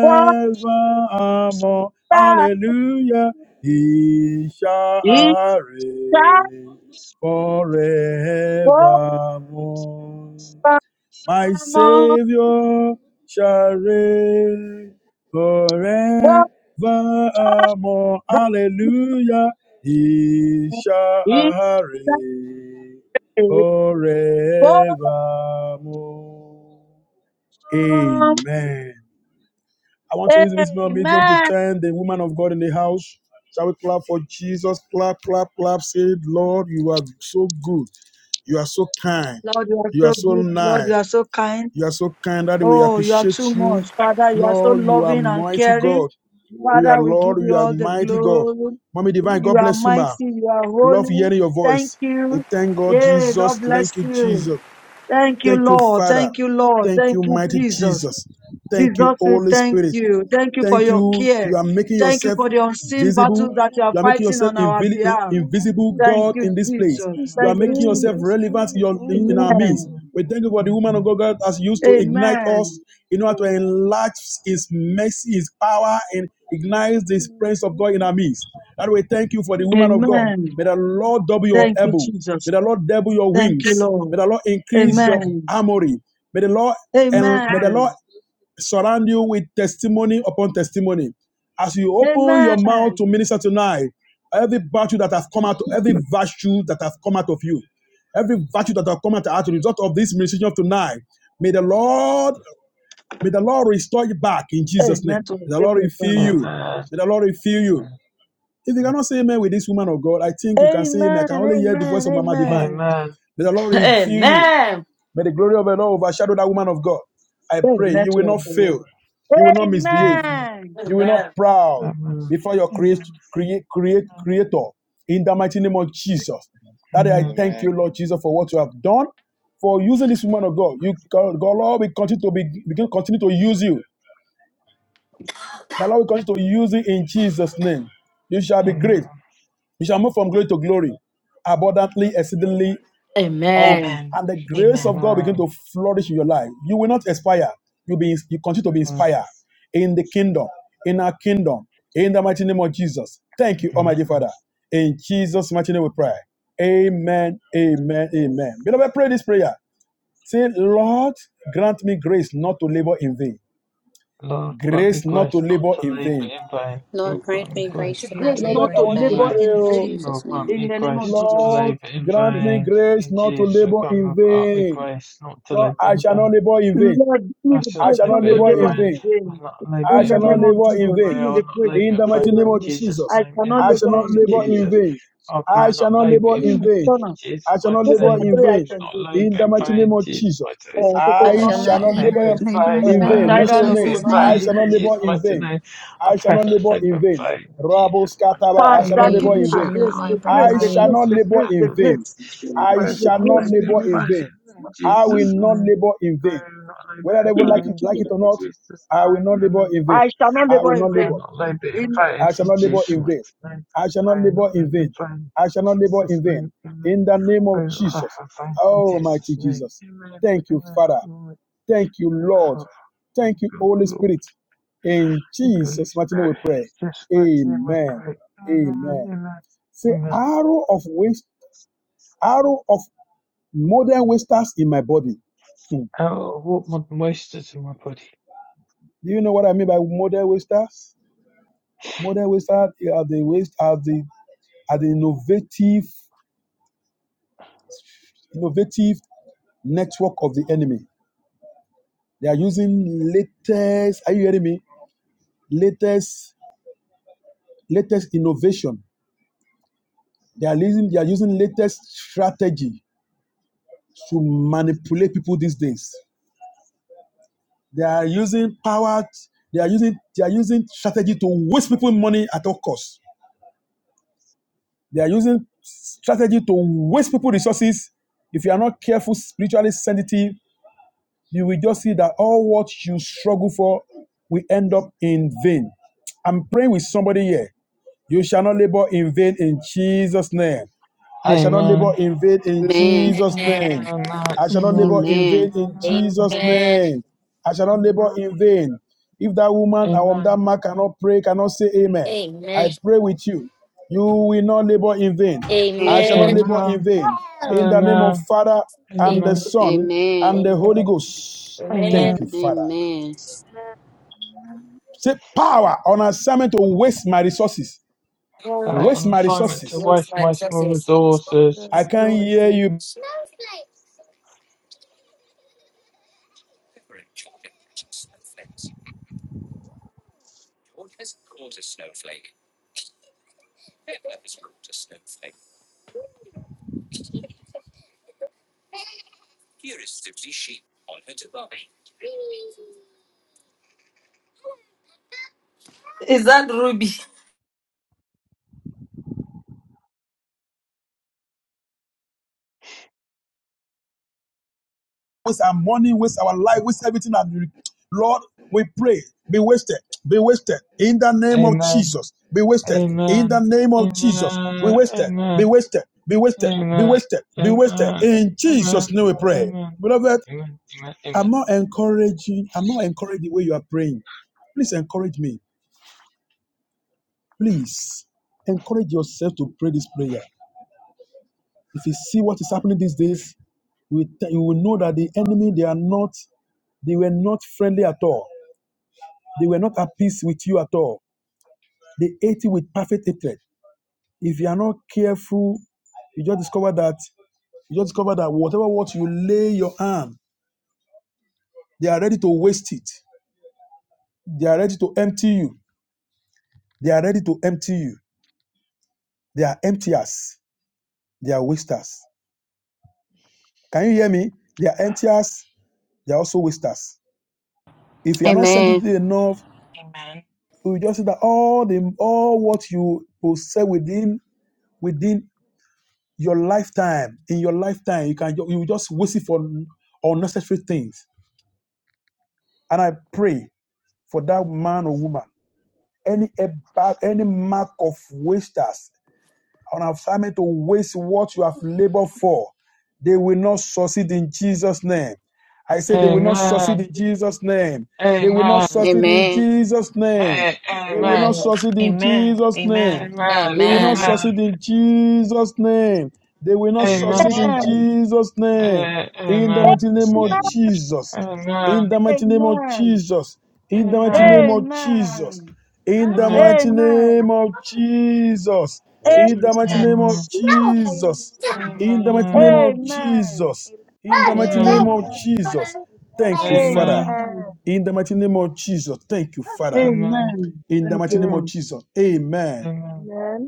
for that Hallelujah. He shall it's a reign forevermore. My Savior shall reign forevermore. Hallelujah. He shall reign Oh, forevermore. Amen. I want to use this medium to amen. thank the woman of God in the house. Shall we clap for Jesus? Clap, clap, clap. Say, Lord, you are so good. You are so kind. Lord, you are You so are good. Lord, you nice. are so kind. You are so kind that we Oh, you are appreciate too you. much. Father, you are so Lord, you are loving and mighty caring. God. We are Father, we give Lord, you you are all the mighty God. glory. Mommy Divine, You God are bless you, mighty. ma. You are Love holy. hearing your Thank voice. We you. thank God, Yeah, God Jesus. bless Thank you, you. Jesus. Amen. Thank you, Thank you, Lord. Father. Thank you, Lord. Thank you, Thank you, Father mighty God, Jesus. Jesus. Thank you, Jesus, we you Holy thank Jesus Spirit. you. Christ, Thank you thank for Thank your you you. for You care. are making Thank you yourself for everything. the Thank you unseen for visible. battles our that life. you are You are making fighting Thank yourself on our invi- in- behalf. you invisible, Thank you Thank God, for you, in this place. Jesus. this You are Thank you, making day, yourself Jesus. this relevant in, present your, in moment. our midst. Amen. Father We God, thank you for the woman of God God has used to Amen. ignite Amen. us Amen. in order to enlarge His mercy, His power, and ignite the Amen. presence of God in our midst. That we thank you for Amen. the woman of God. Amen. Amen. Amen. May the Lord double your Thank you, elbow. Jesus. May the Lord double your Thank you, wings. May Lord. the Lord increase your Amen. armory. May the Lord and may the Lord Amen. surround you with testimony upon testimony. As you open your mouth to Amen. minister tonight, every virtue that has come out, every virtue that has come out of you, every virtue that has come out as a result of this ministry of tonight, may the Lord, may the Lord restore you back in Hey, Jesus' name. network, May the take Lord your refill time. you. May the Lord refill you. If you cannot say amen with this woman of God, I think you can say amen. I Amen. can only hear the Amen. voice of Mama Divine. Amen. May the Lord refill you. Amen. May the glory of the Lord overshadow that woman of God. I Hey, pray you will network. not fail. Amen. You will not misbehave. Amen. You will not Amen. proud before your create, create, create, creator in the mighty name of Jesus. That I thank Amen. you, Lord Jesus, for what you have done, for using this woman of God. You God, God, Lord, we continue to be we can continue to use you. The Lord will continue to use you in Jesus' name. You shall be great. You shall move from glory to glory, abundantly, exceedingly, um, Amen. and the grace of God begin to flourish in your life. You will not expire. You be you continue to be inspired in the kingdom, in our kingdom, in the mighty name of Jesus. Thank you, Almighty Father. In Jesus' mighty name we pray. Amen. Amen. Amen. Beloved, pray this prayer. Say, Lord, grant me grace not to labor in vain. Grace not to labor in vain. Lord, grant me grace The to not grace Beloved, not labor I to in want you to labor vain. pray. in In Oh, vain. Jesus' name. In the name of Jesus. Lord, grant me grace not to labor in vain. Lord, I shall not labor in vain. Lord, give me the I grace shall not not to labor labor in in vain. vain. I In the shall not name of labor in Jesus, vain. give me the grace In not the to mighty labor name in of vain. Jesus, I cannot I shall labor not in labor vain. in vain. I shall not labor in Mm, vain. Turner, I shall not those are labor the in three vain. items. In the mighty Jojo. name of Jesus, Uh, I I shall coconut, shall not not labor, labor labor in in uh, vain vain. in Mention tiger, your or name. Jesus' coconut I and name. shall not beetroot. labor in vain. I shall not labor in vain. Rabo Father, Skataba, I shall not give labor Amen. I me in the shall vain. not grace, the labor grace, in I the shall vain. grace, not the labor grace, the in vain. grace, I the shall not grace in the labor name in of vain. I will Jesus. not labor in vain. Whether they would like it, like it or not, I will not labor in vain. I shall not I labor will in not labor. vain. In I shall not labor in vain. I shall not labor in vain. I shall not labor in vain. In the name of Jesus. Oh, mighty Jesus. Thank you, Father. Thank you, Lord. Thank you, Holy Spirit. In Jesus' mighty name we pray. Amen. Amen. Say, arrow of waste, arrow of modern wasters in my body. Hmm. Do you know what I mean by modern wasters? Modern Western are the waste are the are the innovative innovative network of the enemy. They are using latest. Are you hearing me? Latest latest innovation. They are using they are using latest strategy to manipulate people these days. They are using power. They are using they are using strategy to waste people money at all costs. They are using strategy to waste people resources. If you are not careful, spiritually sensitive, you will just see that all what you struggle for will end up in vain. I'm praying with somebody here. You shall not labor in vain in Jesus' name. I shall not labor in vain in Amen. Jesus' Amen. name. I shall not labor in Amen. vain in Jesus' Amen. name. I shall not labor in vain. If that woman or um, that man cannot pray, cannot say amen, I Amen. pray with you. You will not labor in vain. I Amen. shall not Amen. labor in vain. In the name of Father and the Amen. Son Amen. and the Holy Amen. Ghost. Amen. Thank you, Father. Amen. Amen. Say power on assignment to waste my resources. Oh, Waste my resources. waistline, it just says, I can't hear The you Is that Ruby? waste our money, waste our life, waste everything. And Lord, we pray, be wasted, be wasted in the name of Jesus. Be wasted in the name of Jesus. Be wasted, be wasted, be wasted, be wasted, be wasted. In Jesus' name we pray. Beloved, I'm not encouraging, I'm not encouraging the way you are praying. Please encourage me. Please encourage yourself to pray this prayer. If you see what is happening these days, you you will know that the enemy, they are not, they were not friendly at all They were not at peace with you at all. They ate you with perfect hatred. If you are not careful, you just discover that you just discover that whatever what you lay your hand, they are ready to waste it. They are ready to empty you. They are ready to empty you. They are emptiers. They are wasters. Can you hear me? They are emptiers. They are also wasters. If you are not Amen. sensitive enough, Amen. you just see that all the all what you possess within within Your lifetime, in your lifetime, you can you just waste it for unnecessary things. And I pray for that man or woman, any any mark of wasters on assignment to waste what you have labored for. They will not succeed in Jesus' name. I said they will not succeed in Jesus' name. They will not succeed in Amen. Jesus' name. They will not Amen. succeed in Amen. Jesus' name. Amen. They will not Amen. succeed in Jesus' name. They will not succeed Amen. in Jesus' name. In the mighty name Amen. of Jesus. In the mighty name of Amen. Jesus. In the mighty name of Jesus. Amen. In the mighty name Amen. of Jesus. A- In the Amen. mighty name of Jesus. In the mighty name of Amen. Jesus. Amen. In the mighty name of Amen. Amen. Amen. Jesus. Thank you, Father. Amen. Amen. Amen. Amen. In the mighty name of Jesus. Thank you, Father. Amen. In the Thank you, mighty name of Amen. Lord. Jesus. Amen. Amen.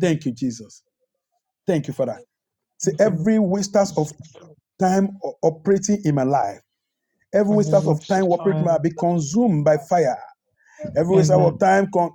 Thank you, Jesus. Thank you, Father. See, every wasters of time o- operating in my life, every wasters of time operating in my life, be consumed by fire. every waste of time con-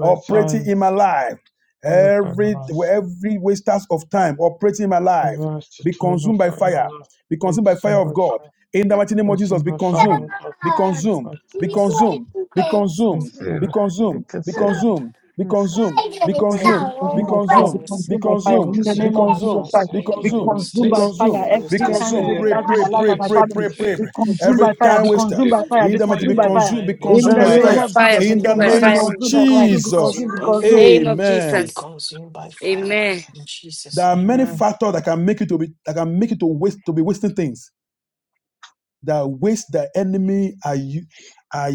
operating in my life, every every waste of time operating in my life, be consumed by fire, be consumed by fire of God. In the mighty name of Jesus, be consumed, be consumed, be consumed, be consumed, be consumed, be consumed, be consumed, be Fire be consumed, be consumed by fire. Be consumed, be consumed by fire. consumed, In the be name of Jesus consumed, Christ, be be consumed, consumed be by fire. consumed, be Every time consumed. we Pray, start in pray, my life pray, and my pray, family, pray, pray. be consumed Every by fire. time Be waster. consumed by fire. He Be that might be consumed by fire. consumed, be In consumed the by Consume name by of fire. fire, Jesus, be In the consume by consumed, be name fire, of consume consumed, be by fire. consumed, be Jesus. consumed, be In the consumed. name of Amen. Jesus. Amen. There are many factors that can make you to be that can make you to waste to be wasting things. That waste the enemy are are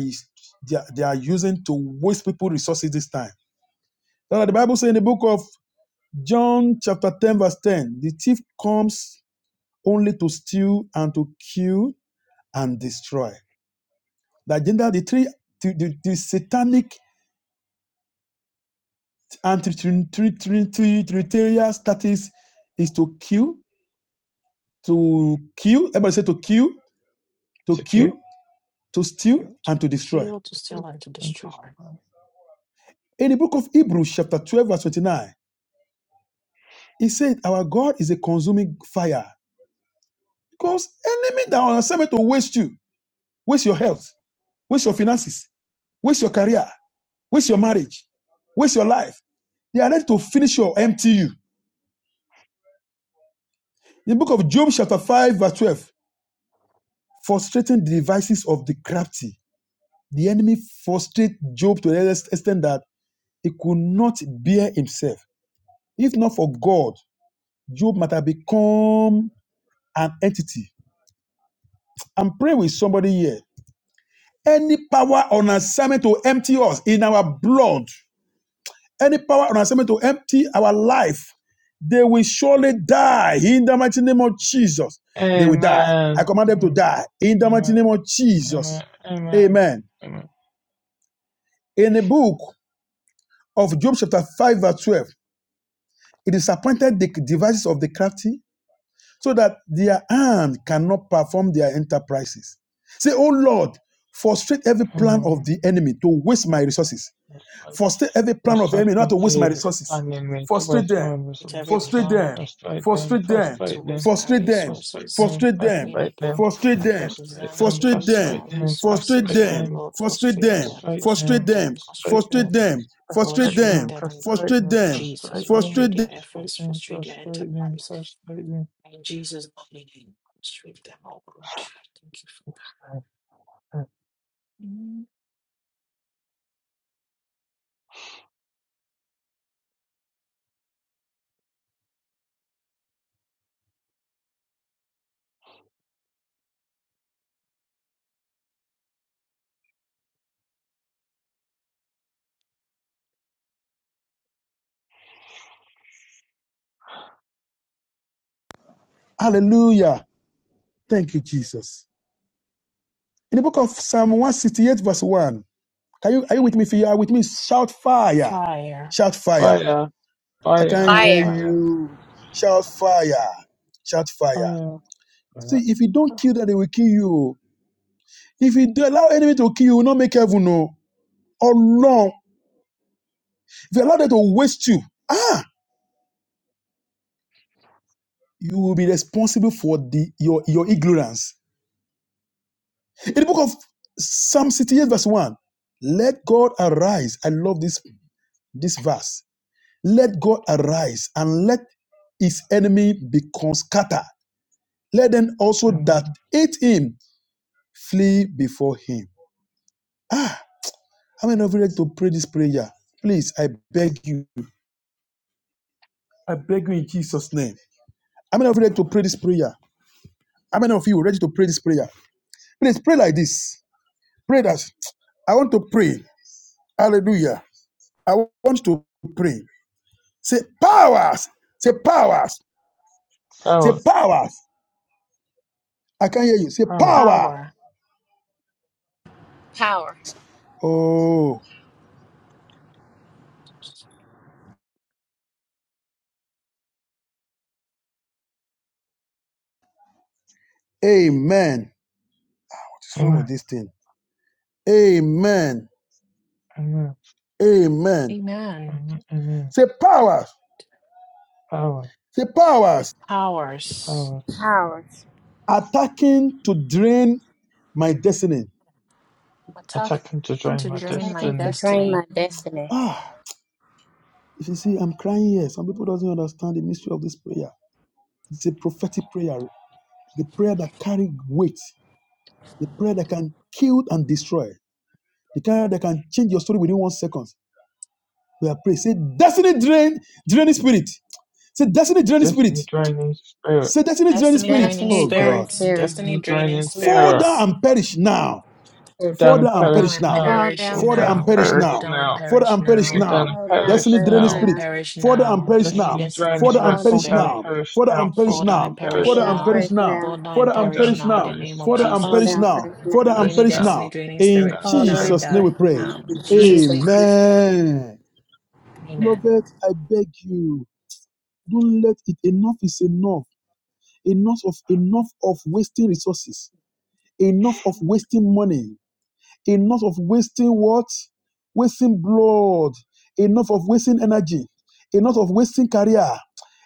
they are, they are using to waste people resources this time. Now, the Bible says in the book of John chapter 10, verse 10, the thief comes only to steal and to kill and destroy. The agenda, the three the, the the satanic And Trinitarian Trin- status is to kill, to kill, everybody say to kill, to kill, to steal, and to destroy. In the book of Hebrews, chapter 12, verse 29, it said, Our God is a consuming fire. Because enemy that are on assignment to waste you, waste your health, waste your finances, waste your career, waste your marriage, waste your life. They are ready to finish your empty you. In the book of Job, chapter 5, verse 12, frustrating the devices of the crafty. The enemy frustrated Job to the extent that he could not bear himself. If not for God, Job might have become an entity. I'm praying with somebody here. Any power on assignment to empty us in our blood, any power on assignment to empty our life, they will surely die in the mighty name of Jesus. They will die. I command them to die in the mighty name of Jesus. Amen. In the book of Job, chapter 5, verse 12, It disappointed the devices of the crafty so that their hand cannot perform their enterprises. Say, Oh Lord, frustrate every plan of the enemy to waste my resources. Frustrate every plan of the enemy not to waste my resources. Frustrate them. Frustrate them. Frustrate them. Frustrate them. Frustrate them. Frustrate them. Frustrate them. Frustrate them. Frustrate them. Frustrate them. Frustrate them. Frustrate them. Frustrate them. Frustrate them. Hallelujah. Thank you, Jesus. In the book of Psalm 168, verse 1, can you, are you with me? If you are with me, shout fire. Shout fire. I can hear Fire. you. Shout fire. Shout fire. See, if you don't kill them, they will kill you. If you do allow enemy to kill you, will not make heaven know. Or long. If you allow them to waste you, ah, you will be responsible for the your, your ignorance. In the book of Psalm 68, verse 1, let God arise. I love this this verse. Let God arise and let his enemy be scattered. Let them also that hate him flee before him. Ah, how many of you like to pray this prayer? Please, I beg you. I beg you in Jesus' name. How many of you like to pray this prayer? How many of you are ready to pray this prayer? Please pray like this. Pray that I want to pray. Hallelujah. I want to pray. Say powers. Say powers. Say powers. I can hear you. Say power. Power. Oh, amen. What is wrong with this thing? Amen. Amen. Say powers. Say powers Power. attacking to drain my destiny. Attacking to drain my destiny. Ah, if you see, I'm crying here. Some people doesn't understand the mystery of this prayer. It's a prophetic prayer. The prayer that carry weight. The prayer that can kill and destroy. The prayer that can change your story within one second. We are praying. Say destiny drain, draining spirit. Say destiny draining spirit. Say destiny draining spirit. Destiny Oh God. drains theory. Fall down and perish now. Fall down and perish now. Fall down Fall down fresh and now. perish now. Fall down and perish now. Fall down Destiny fresh draining spirit. now. Fall down and perish now. Fall down and Fall, perish now. Fall down and perish now. fall Fall down down and fresh perish now. now. Fall down and perish now. Fall down and Fall perish down now. fresh Fall down now. and perish now. In Fall down Jesus' name we fresh pray. now. In Jesus' name. Amen. Beloved, I beg you, don't let it. Enough is enough. Enough of enough of wasting resources. Enough of wasting money Enough of wasting what? Wasting blood. Enough of wasting energy. Enough of wasting career.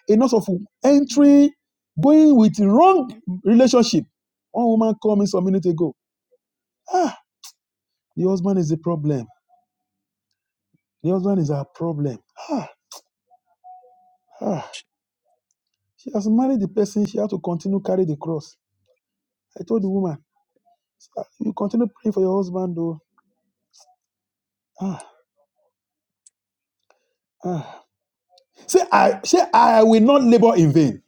Enough of entering, going with wrong relationship. One woman called me some minute ago. Ah, the husband is the problem. The husband is our problem. Ah, ah. She has married the person. She had to continue carry the cross. I told the woman, "Ah, you continue praying for your husband, though. Ah, ah. Say I say I will not labor in vain.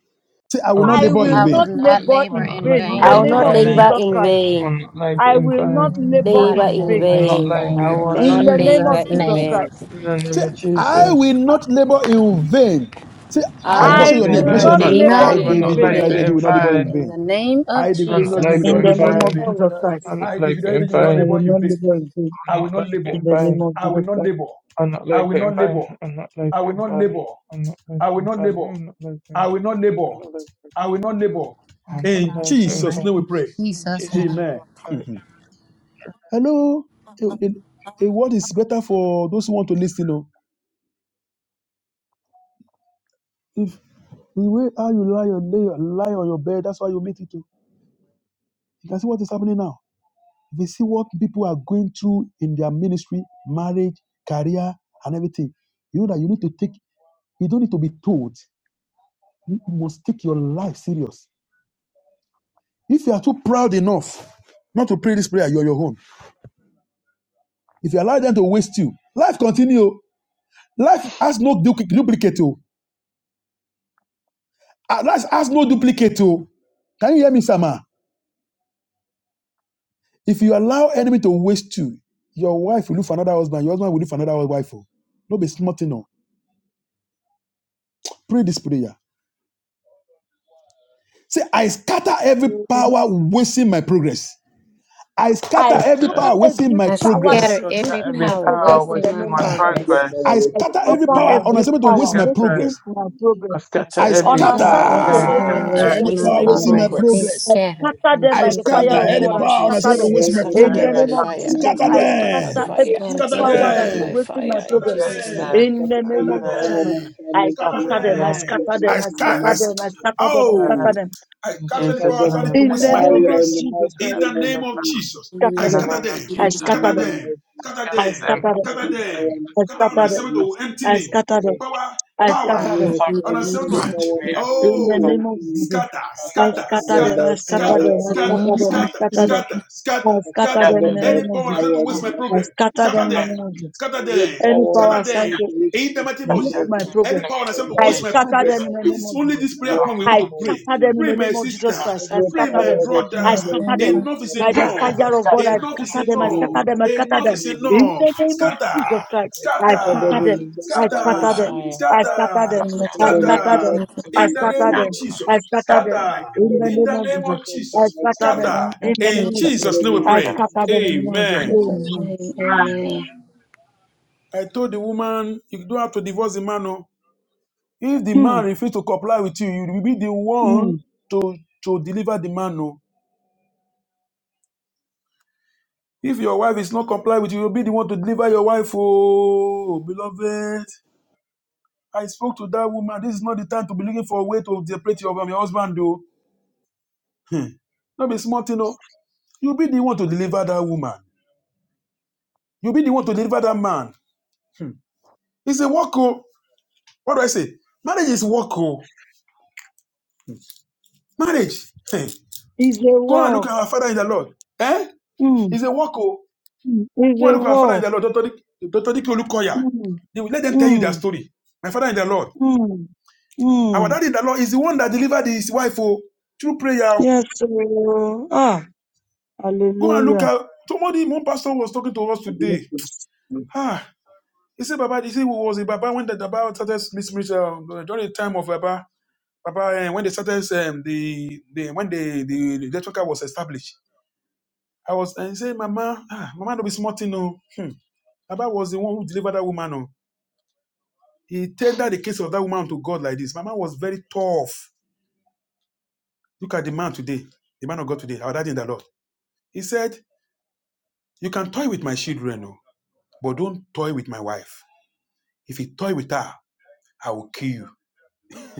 Say I will not I labor will in I will not vain. not labor labor in in vain. In the vain. I will name not of Jesus labor in Christ. vain. I I will will not labor not Labor in in vain. labor in vain. I vain will in In not the Ah. name of labor Jesus' in Jesus name. vain. Christ. Say, I will not labor in vain. Say, I, I I mention will your I name, will not mention will your not name. labor labor I, not in David, in only labor vain. Adeji vain. in will not labor vain in in the vain. name of I, David, only will Jesus. In not the labor name in I of vain. will Jesus not Christ. labor I, David, Adeji will not I in vain. labor will in not vain. labor in vain. I will not labor. In the name of I Jesus will not Christ. labor. I will not labor. I will not labor. I will not labor. I will not labor. I will not labor. I will In not Jesus' labor name we in pray. Jesus' name. Amen. Mhm. Hello. A, a- a word is better for those who want to listen. oh. The way how you lie on, lay, lie on your bed, that's why you make it to. You can see what is happening now. You see what people are going through in their ministry, marriage, career, and everything. You know that you need to take, you don't need to be told. You must take your life serious. If you are too proud enough not to pray this prayer, you're your own. If you allow them to waste you, life continue. Life has no du- duplicate. oh. Ah, Life has no duplicate. oh. Can you hear me, Sama? If you allow enemy to waste you, your wife will look for another husband, your husband will look for another wife. oh. No be smart no. Pray this prayer. Say, I scatter every power wasting my progress. I I scatter every scatter power wasting every my I power that scatter progress. is every wasting my power progress in wasting the my name of Get Jesus. progress. I I direction scatter And with every scatter the and power every on every direction assignment to with the waste power my wasting progress. my direction progress I I I on scatter scatter scatter assignment to every any waste power my progress any wasting in my the power name of wasting my Jesus. progress. Be progress. I scattered scatter in them I by the Jesus' scatter fire of name. any God. I power on scatter assignment to them waste my in the power progress. name on of assignment to Jesus. Scatter I reach my them. scatter three I grace every scatter in the Scatter power every mighty that name is them. of wasting my Scatter Jesus. progress in I them. in the scatter name of Scatter Jesus. them. I Scatter scatter them, I them. scatter them, I I scatter. scatter I, sc- them, I scatter them, I scatter oh, them. I cancel any power them by assigned to In waste the my name fire of in the progress. Jesus mighty In Christ, name the of name of Jesus. Jesus, I scatter them. scatter them. I In the scatter Scatter them, name them. of Scatter I them. scatter them, Scatter them. power and I Scatter on scatter assignment them, assignment to against my empty I children me. scatter them, today. Power. I Power. scatter them. Any On assignment, assignment any to power and assignment In the Oh, name against of me, Jesus. scatter, I I scatter, scatter scatter them them, scatter, I by scatter scatter, fire them, and I the the scatter, scatter mighty name them, I name of of scatter them. I scatter them in them the by name of Jesus. fire and the Yeah, mighty I name of scatter them in the name of Jesus. Any Any power and power assigned assignment to against my miss progress, my I progress, scatter them by I scatter fire them in the name of Jesus. and the mighty I scatter them in the name of Jesus of Christ. I your scatter power them. of our in I the Sunday scatter to name them. of reach my By Jesus, the pledges. fire of God, I I scatter them. I scattered them, in scatter them. my I scatter them. family of the In the name fired of them, Jesus Christ, I I scattered scatter them them. in the mighty I name of scatter them. Jesus. I scatter I them. in the scattered I them name in scatter the them. of mighty Jesus, name of yeah, I scatter them. Jesus. I scatter I them. scatter. scattered In them the In name in the of name Jesus. of Jesus' I Jesus, mighty scatter in them. name. the scatter. name In of the I In name of Jesus, scattered Jesus. Jesus' them name we in I pray. scatter Jesus' them in in the name of mighty Jesus. Amen. Jesus' name. Amen. name, Amen. amen. I told the woman, you don't have to divorce the man. oh. If the Hmm. man refuses to comply with you, you will be the Hmm. one to, to deliver the man. oh. If your wife is not comply with you, you'll be the one to deliver your wife. Oh, beloved. I spoke to that woman. This is not the time to be looking for a way to separate you from your husband, though. Hmm. Not be smart, you know. You'll be the one to deliver that woman. You'll be the one to deliver that man. Hmm. It's a work. oh. What do I say? Marriage is work. oh. Marriage. Hey. It's a Go and look at our walk. father in the Lord. Eh? Hmm. It's a work. oh. Hmm. It's Go a and look at our father in the walk. Lord. Dr. Dik- Dr. Dike Olukoya. Hmm. They will let them tell you Hmm. their story. My father in the Lord. Mm, Our mm. daddy in the Lord is the one that delivered his wife oh, through prayer. Yes, oh, ah, Go and look hallelujah. at somebody, one pastor was talking to us today. Ah, he said, Baba, he said, who was it? Baba, when the Baba started ministering, uh, during the time of Baba, Papa, eh, when they started um, the, the when the the electric car was established, I was and say, Mama, ah, Mama, don't be smarting, no. Hmm. Baba was the one who delivered that woman. No. He tendered the case of that woman to God like this. Mama was very tough. Look at the man today, the man of God today, our daddy in the Lord. He said, You can toy with my children, no, but don't toy with my wife. If you toy with her, I will kill you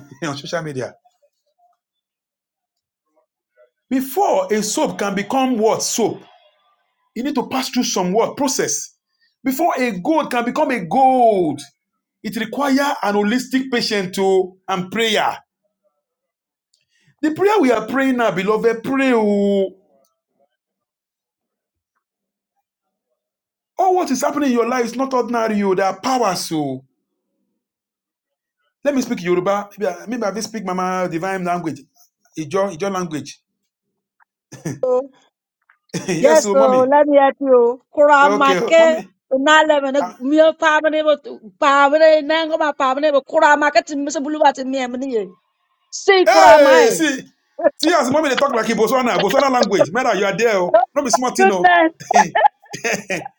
*laughs* on social media. Before a soap can become what soap, You need to pass through some work process. Before a gold can become a gold, it requires an holistic patient to and prayer. The prayer we are praying now, beloved, pray. Oh, all what is happening in your life is not ordinary. Oh, there are powers. Oh, let me speak Yoruba. Maybe I, will speak Mama divine language, Ijo, Ijo language. *laughs* yes, Yes, oh, oh, mommy. let me help you. Okay, oh, Kuramake, mommy. unaleme ne Ah, miyo pamene bo pamene nango ma pamene bo kuramake timi se buluwa timi emni ye. Say hey, kuramai. see, see, as mommy they talk like a Botswana, Botswana language. Mera, you are there. Oh. Oh Not be smart, you goodness. know.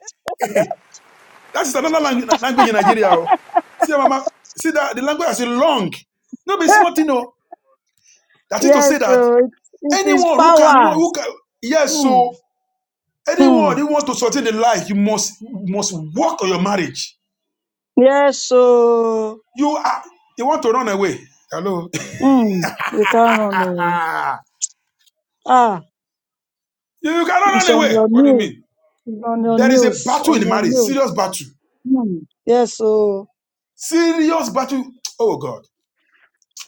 *laughs* That is another language in Nigeria. oh. See, mama, see that the language is long. No be *laughs* small thing, no. That is to yes, say that oh, it, it is anyone who can who powers. can, yes, Hmm. so Hmm. anyone who want to sustain the life, you must must work on your marriage. Yes, oh. You are you want to run away. Hello. *laughs* Hmm. You can't run. Oh. Ah, you, you cannot it's run on away. your What do you knees. mean? on your There is a news, battle in on the your marriage, news. serious battle. Mm. Yes, oh, Serious battle. Oh God.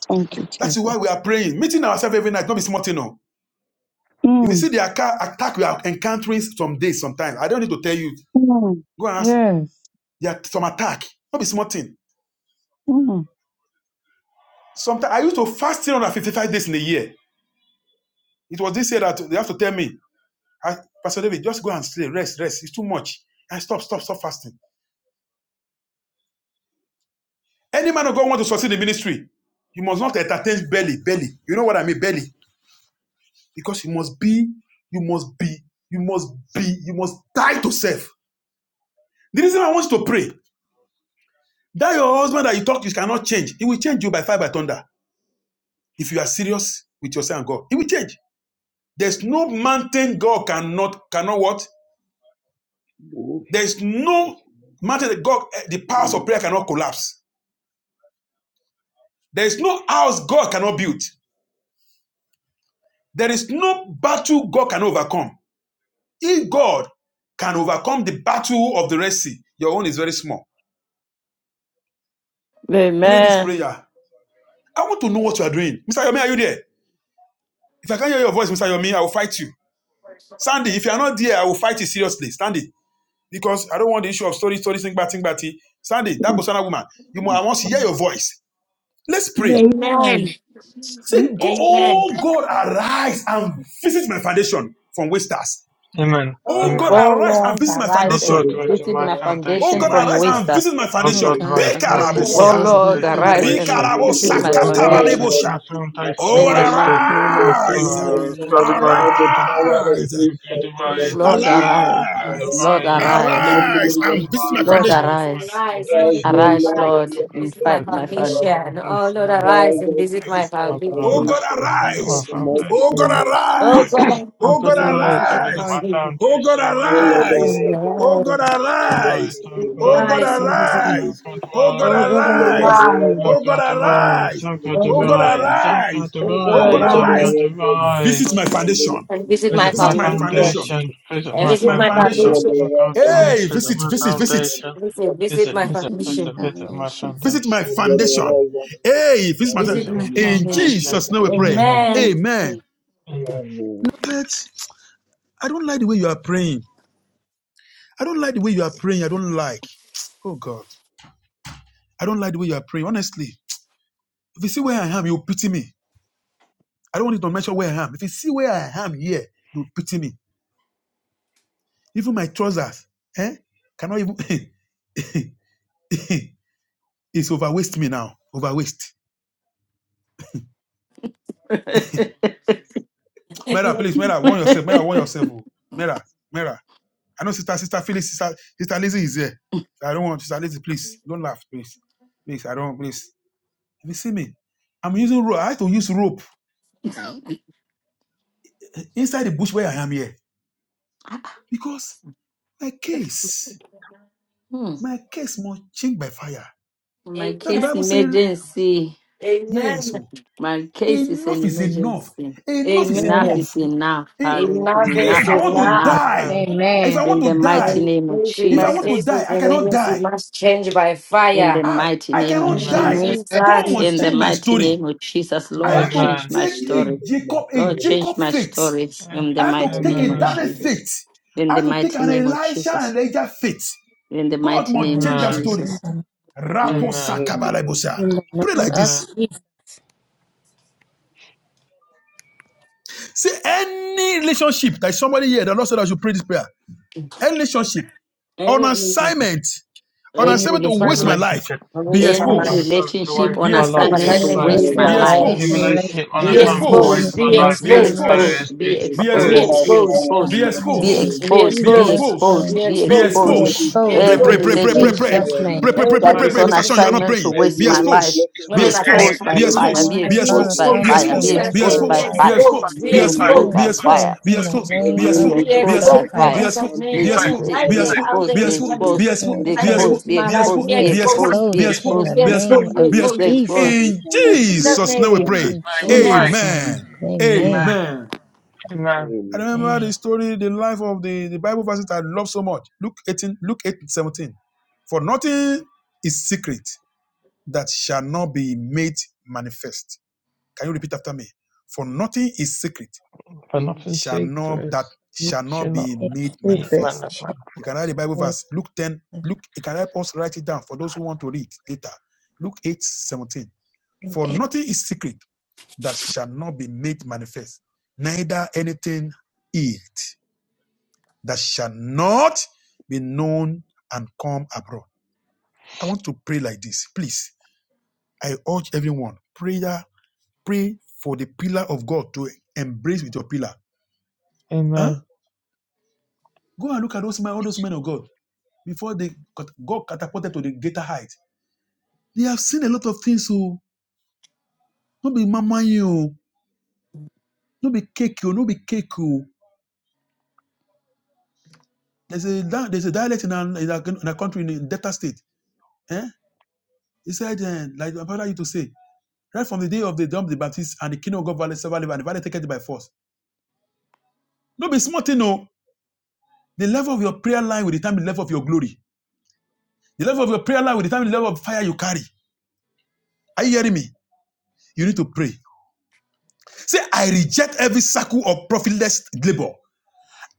thank you, That is why Jesus. we are praying, meeting ourselves every night, not be small thing, no. If you see Mm. the attack, attack we are encountering some days, sometimes I don't need to tell you. Mm. Go and ask. Yes. There are some attack. Not be small thing. Mm. Sometimes I used to fast 355 days in a year. It was this year that they have to tell me, "Ah, Pastor David, just go and sleep, rest, rest. It's too much. I stop, stop, stop fasting. Any man of God want to succeed in ministry, you must not entertain belly, belly. You know what I mean, belly, because you must be, you must be, you must be, you must die to self. The reason I want you to pray that your husband that you talk to you cannot change, he will change you by fire by thunder. If you are serious with yourself and God, it will change. There's no mountain God cannot cannot what? Oof. There's Yes, no Lord. mountain that God eh, the powers We of prayer cannot collapse. There is no house God cannot build. There is no battle God can overcome. If God can overcome the battle of the Red Sea, your own is very small. Pray this Amen. prayer. I want to know what you are doing. Mr. Yomi, are you there? If I can't hear your voice, Mr. Yomi, I will fight you. Sandy, if you are not there, I will fight you seriously. Sandy, because I don't want the issue of story, story, sing batting, batty. Sandy, that Bosana woman, you must, I want to hear your voice. Let's pray. Amen. Amen. Hmm. Say, go, Amen. oh God, arise and visit my foundation from wasters. Oh Oh, God, Oh God, I arise and Lord, thank visit my you. arise foundation. will and be visit my there and Oh foundation we God, from arise and visit wasters. my Oh foundation. God, Oh, arise and Oh God, Bekalabosias. visit my Lord, arise and foundation in Thank visit you, I my God, Jesus' thank right, name. you. foundation and Rikalabosakatabalebosha. this is my Oh, in the mighty foundation, in name of Lord arise, Lord, Jesus. Jesus. arise Father, restore the power of arise, your and stuff in my Lord, visit foundation, arise. my Father. arise, Lord, foundation In the in the arise. name mighty arise, name and of of visit my Jesus. Lord, foundation. Rise and arise. rise, oh Lord, Rise, O Arise, Lord, Lord, and arise your and and visit my fight mercy, my fun. Father. foundation. Oh Lord, arise Arise, and O this visit is my arise. my foundation. Oh Jesus, God, foundation, Father, in arise. the foundation, mighty Oh God, name of Oh arise. God, Jesus. Oh God, arise in the and name of visit my Jesus, visit arise. foundation. Oh God, O Oh Lord, arise. arise, O Oh this is God, God, my foundation, arise. in the Oh mighty God, arise name of and visit me. arise. Jesus. Oh God, Oh God, O Lord, arise. arise, arise. O Oh this God, is my arise. Oh Oh foundation, God, God, Father. arise. oh God, Oh Lord God, God, I arise arise. love you, worship Visit our my foundation. foundation. and in visit the my Visit mighty my foundation. name foundation. And Visit visit my my of Jesus. foundation. Lord God, foundation. I love you, Hey, worship our visit, visit, visit. foundation in the Visit, mighty visit name my of my foundation. Jesus. foundation. Visit my Lord God, I foundation. love you, worship Hey, our visit my. Visit foundation my in In Jesus' foundation. Jesus' name we pray. mighty Amen. name. Amen. Amen. Amen. Beloved, I don't like the way you are praying. I don't like the way you are praying. I don't like. Oh God. I don't like the way you are praying. Honestly, if you see where I am, you'll pity me. I don't want you to mention where I am. If you see where I am here, you'll pity me. Even my trousers, eh? Cannot even *laughs* it's overwaste me now. Overwaste. *laughs* *laughs* Mera, please, Mera, warn yourself. Mera, warn yourself. Oh. Mera, Mera. I know sister, sister Phyllis, sister, sister Lizzie is here. I don't want sister Lizzie, please. Don't laugh, please. Please, I don't please. If you see me, I'm using rope. I have to use rope. inside the bush where I am here. Because my case, Hmm. my case must change by fire. My That the Amen. case Bible says, emergency. yes, Amen. so My case is an enough is enough. emergency. Enough is Enough Amen. is enough. enough. Enough. In Hallelujah. my If Enough face I is is want to enough. now. die, if I want In the to My mighty die, name of case is if my I want to Jesus. cases, die, is I cannot agency die. must change by In the fire. I mighty I name of In In cannot the the die. name name Jesus. of of God Jesus. must In the Jesus, change my mighty story. name of Jesus. I Lord, have to In change my take The Lord a story. is my Jacob, a Lord, steady Jacob change my faith. foundation in the stories. In the I mighty have to name mighty of take name a of Daniel Jesus. Jesus. faith. I In the have to take mighty an name of Elisha Jesus. and Elijah faith. In the God mighty must name of change that story. Jesus. Mm. Rapo Amen. sakabalaibosa. in the Pray name like this. Say any relationship. There's somebody here that Lord said I should pray this prayer. Any relationship the on name assignment, on of any assignment to Jesus. waste my relationship, Finally, life, I be of waste Jesus. my any life. exposed. relationship Be on And My Lord, assignment to Mm, exposed. silent waste That's waste your my my amen. Be life, life. reputation, Any exposed. relationship relationship, be Be Be or and a assignment family exposed, exposed. to exposed. to Be reach waste Be my be my exposed. life, life. exposed, exposed. be Be Be destroyed exposed, by be exposed. Put exposed. fire and my the Be exposed, mighty fire be name in of exposed. Be exposed, Be be Jesus. exposed. Jesus' exposed. name. Be exposed, be Be Jesus, exposed. exposed. Be exposed. Be relationship Pray, exposed with Every pray, in exposed. pray, God pray, by pray, pray. relationship fire Jesus' and Pray, name. pray, Every pray, anointing the pray, that pray, Lord. is pray. on Mr. Sean, you are not relationship. assignment to praying. By grace, waste Be my life, exposed. When be Be relationship an that has exposed. exposed assignment by Be come into waste my fire, exposed. this Anyone be life. Be my who's Be on life exposed exposed. by is Be exposed. In assignment full fire, to be by exposed. Jesus' waste Be my name. exposed fire Be by exposed. life, Be fire, exposed. and exposed. Be Be be anointing the exposed. exposed. exposed be Lord. Be by exposed. fire, exposed Be in the exposed. By grace, Be name be of exposed. Be Be relationship exposed Jesus by exposed exposed in that be fire. has Christ. Jesus' exposed, come Be name. be into Any this exposed, exposed, my be be hiding of life exposed, out is there exposed, be be in exposed, full by Christ, be exposed, Be exposed, be I'm fire. be trying to exposed, exposed, waste be exposed. my be life. Be exposed, exposed, Be be be exposed in exposed, exposed, be be Jesus' exposed exposed, in name. the exposed Be be name exposed, exposed. Every Be of be exposed. They exposed. relationship expose. that has Jesus. In come into In this that my Jesus' name we name. life pray. is In full Amen. in Jesus' name. Amen. Jesus' name. Amen. Amen. I Amen. remember Amen. the story, the life of the, the Bible verses I love so much. Luke 18, Luke 8, seventeen. For nothing is secret that shall not be made manifest. Can you repeat after me? For nothing is secret Mm. shall not that shall not be made It's secret. manifest. Shame. You can write the Bible verse. Luke 10, Luke, it can help us write it down for those who want to read later. Luke 8 17. For nothing is secret that shall not be made manifest, neither anything hid that shall not be known and come abroad. I want to pray like this. Please, I urge everyone, prayer, pray for the pillar of God to embrace with your pillar. Huh? Go and look at those men, all those men of God. before they got, catapulted to the greater height. They have seen a lot of things. So no be mama you, no be cake you, no be cake you. There's a there's a dialect in our in a in our country in the Delta State. Eh? He said, eh, like my brother used to say, right from the day of the John the Baptist and the kingdom of God valley server and the valley take it by force. No be small thing, no. The level of your prayer line will determine the level of your glory. The level of your prayer line will determine the level of fire you carry. Are you hearing me? You need to pray. Say, I reject every circle of profitless labor.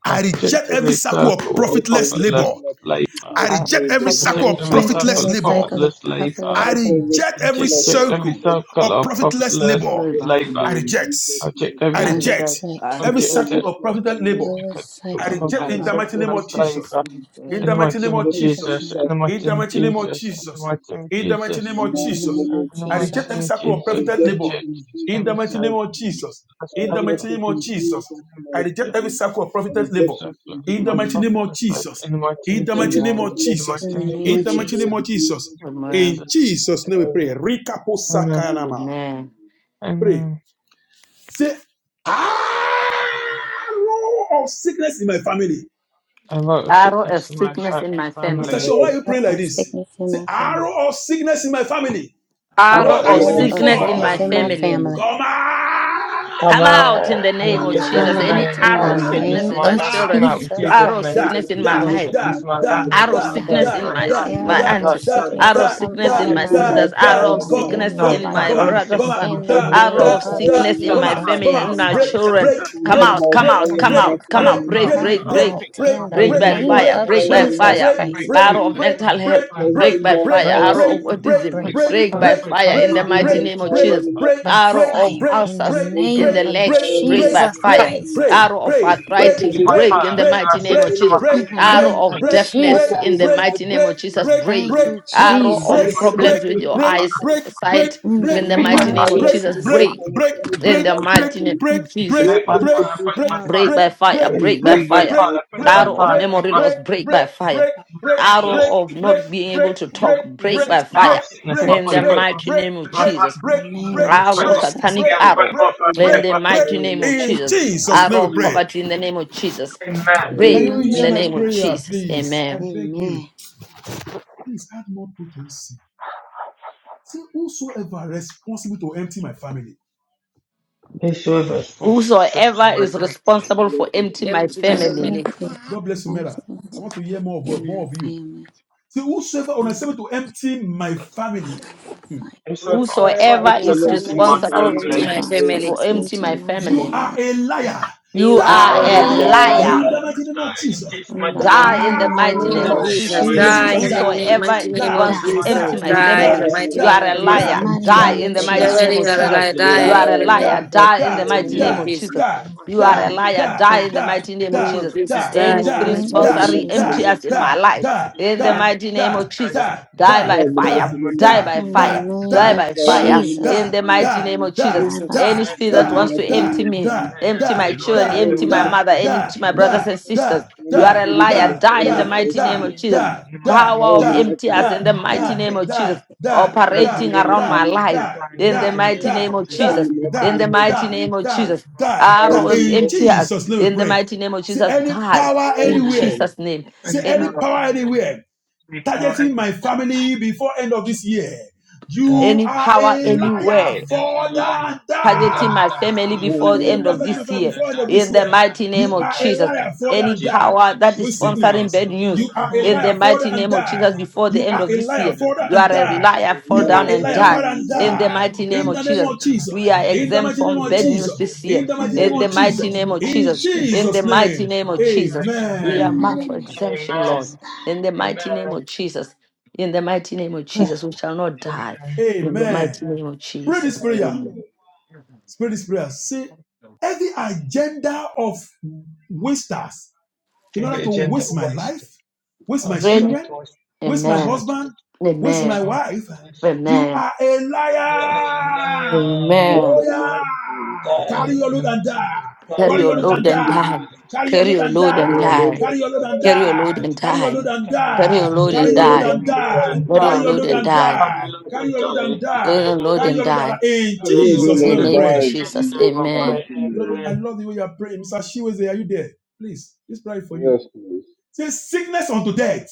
I reject every circle I of reject profitless every labor. secular practice, I less I reject every labor, in reject the I circle of every mighty reject name second of profitless every labor. Jesus. cycle of I profit I reject labor. every reject every secular circle practice, of profitless labor. Yes, labor. my I Lord, reject. Jesus' my I I I name. reject reject. I reject every rejected let reject. every circle of profitless suffering labor. of every this I cycle labor, in the I reject name in of the reject mighty profit name every of Jesus. prophecy. of Jesus. In labor. the labor. mighty name And of let In every Jesus' Jesus. name. In the suffering of mighty name of Jesus. In the mighty in name the of In the mighty Jesus. name name of of I Jesus. reject every Jesus. cycle I of profited reject labor. it in In the Jesus' mighty name mighty of name. Jesus. I In the reject mighty it name in of Jesus. Jesus' I mighty reject every name. cycle of I profited labor. reject it in In the Jesus' mighty Mm. mighty name name. of Jesus. I In get the With mighty every name of man. circle of In Jesus. the wickedness name In of the mighty labor name Jesus. in of Jesus. Jesus' Amen. mighty man. In name. Jesus' name we I pray. reject it in with Rikaposakanama. Jesus' man. name. Pray. Say, ah, no of sickness in my family. Arrow of sickness in my I Mr. family. Sean, why have are you Arrow praying shaken like the of this? sickness Thank in Say, my family. arrow of sickness in my family. Arrow What are of you Arrow waiting of sickness in for? sickness my in my family. family. you. Come out Retention in by the name fire, of and Come Jesus. Any out in arrow the of the might of the sickness name Lord in my of children. Jesus. Jesus Arrow of Christ. sickness in my life. arrow of Die. sickness in my my Arrow aunt of sickness, arrow of come sickness out in of my my Retention by sisters life, out of arrow fire, of and my the might of sickness the family's in Lord life. my Jesus. brother's son In the Retention by arrow name of of fire, and sickness the might in my of Jesus the family in Christ. sea. my children Come come Consume out, out by come out fire come and come the out, out Lord come come out out, break come break Jesus. break out in the break by Consumed by name fire of break fire, by the Jesus fire mighty name of Christ. arrow of Jesus. mental Be health break consumed by by fire Break, fire, the arrow of mighty name autism of break, break Jesus. break, by Be fire break, in the consumed mighty by break name of fire, jesus the mighty by name arrow of of fire Jesus. in the Be ulcers in consumed name the by of legs fire, the break by mighty Jesus name of fire Jesus. Christ. arrow of Be shattered arthritis in break in the pieces, mighty name broken of in jesus In the pieces. arrow name of of The shout deafness out in in Jesus. the the mighty mighty name of name of Jesus. Break Thank Jesus. you, The arrow of Jesus. blessing problems with your increases in the eyes mighty name of sight In the Jesus. in the name mighty of name All of of Jesus. Jesus. sickness Break and infirmity in in the my mighty name family. of Jesus. Break into pieces. Break Miracles by fire. In Break by Jesus' fire. mighty Arrow name. of come memory out loss. break, Break by break, fire. break, by break, fire break, Arrow of break, not being break, able to in break, talk. Break break, Jesus' by name. break, fire. break, break, In Break the break, mighty break, name of break, Jesus. in the break, name break, of Arrow Jesus. satanic break, arrow. break, And by In break, the break. mighty fire in name the of In mighty Jesus. name Jesus' of name Arrow we of Jesus. pray. poverty in the name of Jesus. In the Can name Break you of in hear the my name Amen. of Jesus. prayer, Jesus. please? I Amen. beg Amen. you. Please add more potency. Say whosoever responsible to empty my family. Whosoever is responsible Lord, for thank empty you my for the Empty my family, blessing. family. Whoever God bless you, Mela. I want to hear more is of responsible more of you. for emptying my Say family is whosoever responsible to empty my family. Hmm. Whosoever on This whosoever is your the is Lord's Son assignment of is Whosoever responsible is empty Samuel uh, my to responsible the family. for for empty temple my emptying of my God. You family, are family a liar. you You are are You are are a a a a Die liar. liar. in liar. the mighty name of Jesus. In the die in Die. the mighty In the mighty name name Burn name of of of by Jesus, Jesus. fire Be in the exposed die and mighty in Jesus, the die. name name, of mighty Whosoever name Jesus. Die, of wants to die. die, empty Jesus, my Any die die, in the family, power that will mighty you die, name are a of shine In the like Jesus. liar. die, the mighty die, Die name instrument in of the for The die, mighty me. die, devil name you of Jesus, are die, a Jesus. liar, die May You die, are a in the now name, Die. liar. burn by that Die in in the fire the in the mighty name name of mighty of Jesus. name Jesus. of You are a die, liar. Die die, in the mighty In name of the name of Jesus. Jesus, die. In die Any the in the spirit name mighty by of the sponsoring mighty name empty Jesus, us of in my Jesus. life, in the name. mighty name of Jesus, die by by the mighty fire. name of Die by in the Jesus. fire. name Die of by by the mighty fire. name In Jesus, the of mighty name of Jesus. Jesus. die by Jesus. Any fire. spirit by that the wants to mighty name empty of me, Jesus. empty my children, by the mighty empty my mother, name of empty my In the name of brothers Jesus. and sisters Jesus, Any you are a spiritual any liar. Die in the spirit assignment for mighty wants to name of instrument for empty Jesus. me. me. Power by of the If mighty in MTS name my of in die, the life mighty die, Jesus. name of brings Jesus. die, sickness die, upon Can die, me, Operating around disease, die, my you life die, in in die, the the mighty name die, name of of die, Jesus, Jesus. In die, the die, mighty die, name of die, who Jesus. die. steal Arrow my of In dreams MTS Jesus' name we in the pray. mighty name of See Jesus. any and Die power in die anywhere. Jesus' name. like a See man any Any in power anywhere targeting my a fight. family before end of Jesus, this year. You any are power a liar, anywhere. father. targeting my family Die. before the Any end of person targeting my this family year. before end of In this the year. mighty name You of are a Jesus. liar, father, Any and die. power that With is sponsoring sickness, bad In the news, you are a power in the liar, father, mighty and name of die. Jesus, before the You end are of a this liar, year, father, you of and are a die. liar, fall You are down a and liar, die. father, and the In the die. mighty name name In of the of name Jesus, of Jesus, Jesus. we are all In the exempt mighty down name from of bad news Jesus. this year. In the in mighty the name In the of mighty Jesus. name name of of In Jesus, in Jesus, the Jesus' mighty name. name of Jesus, in the we are Amen. marked mighty for name of exemption, Lord. Jesus, die. In the mighty name of Jesus, in the mighty name of Jesus, we shall not die. In the Amen. mighty name of Pray this Jesus prayer. Spirit is prayer. Say every agenda of wasters in order to waste my life, waste my children, waste my Amen. husband, waste Amen. my wife. You Amen. are a liar. Oh Amen. yeah. Carry your load and die. Carry Carry your your load load and and die. die. Carry your Carry load your and load and die. die. Carry your load and Carry your die. load and Carry your die. load and Carry your die. load Carry and your load die. and die. Carry your Carry your load load and and die. die. Carry your load and Carry die. your load Carry and your load and die. die. In live In Jesus' the name and we die name of pray. Jesus. in Jesus' mighty Amen. Beloved, name? I love the way you are praying. Mr. Shiweze, are you there? Please, this prayer is for you. Yes, please. Say sickness unto death.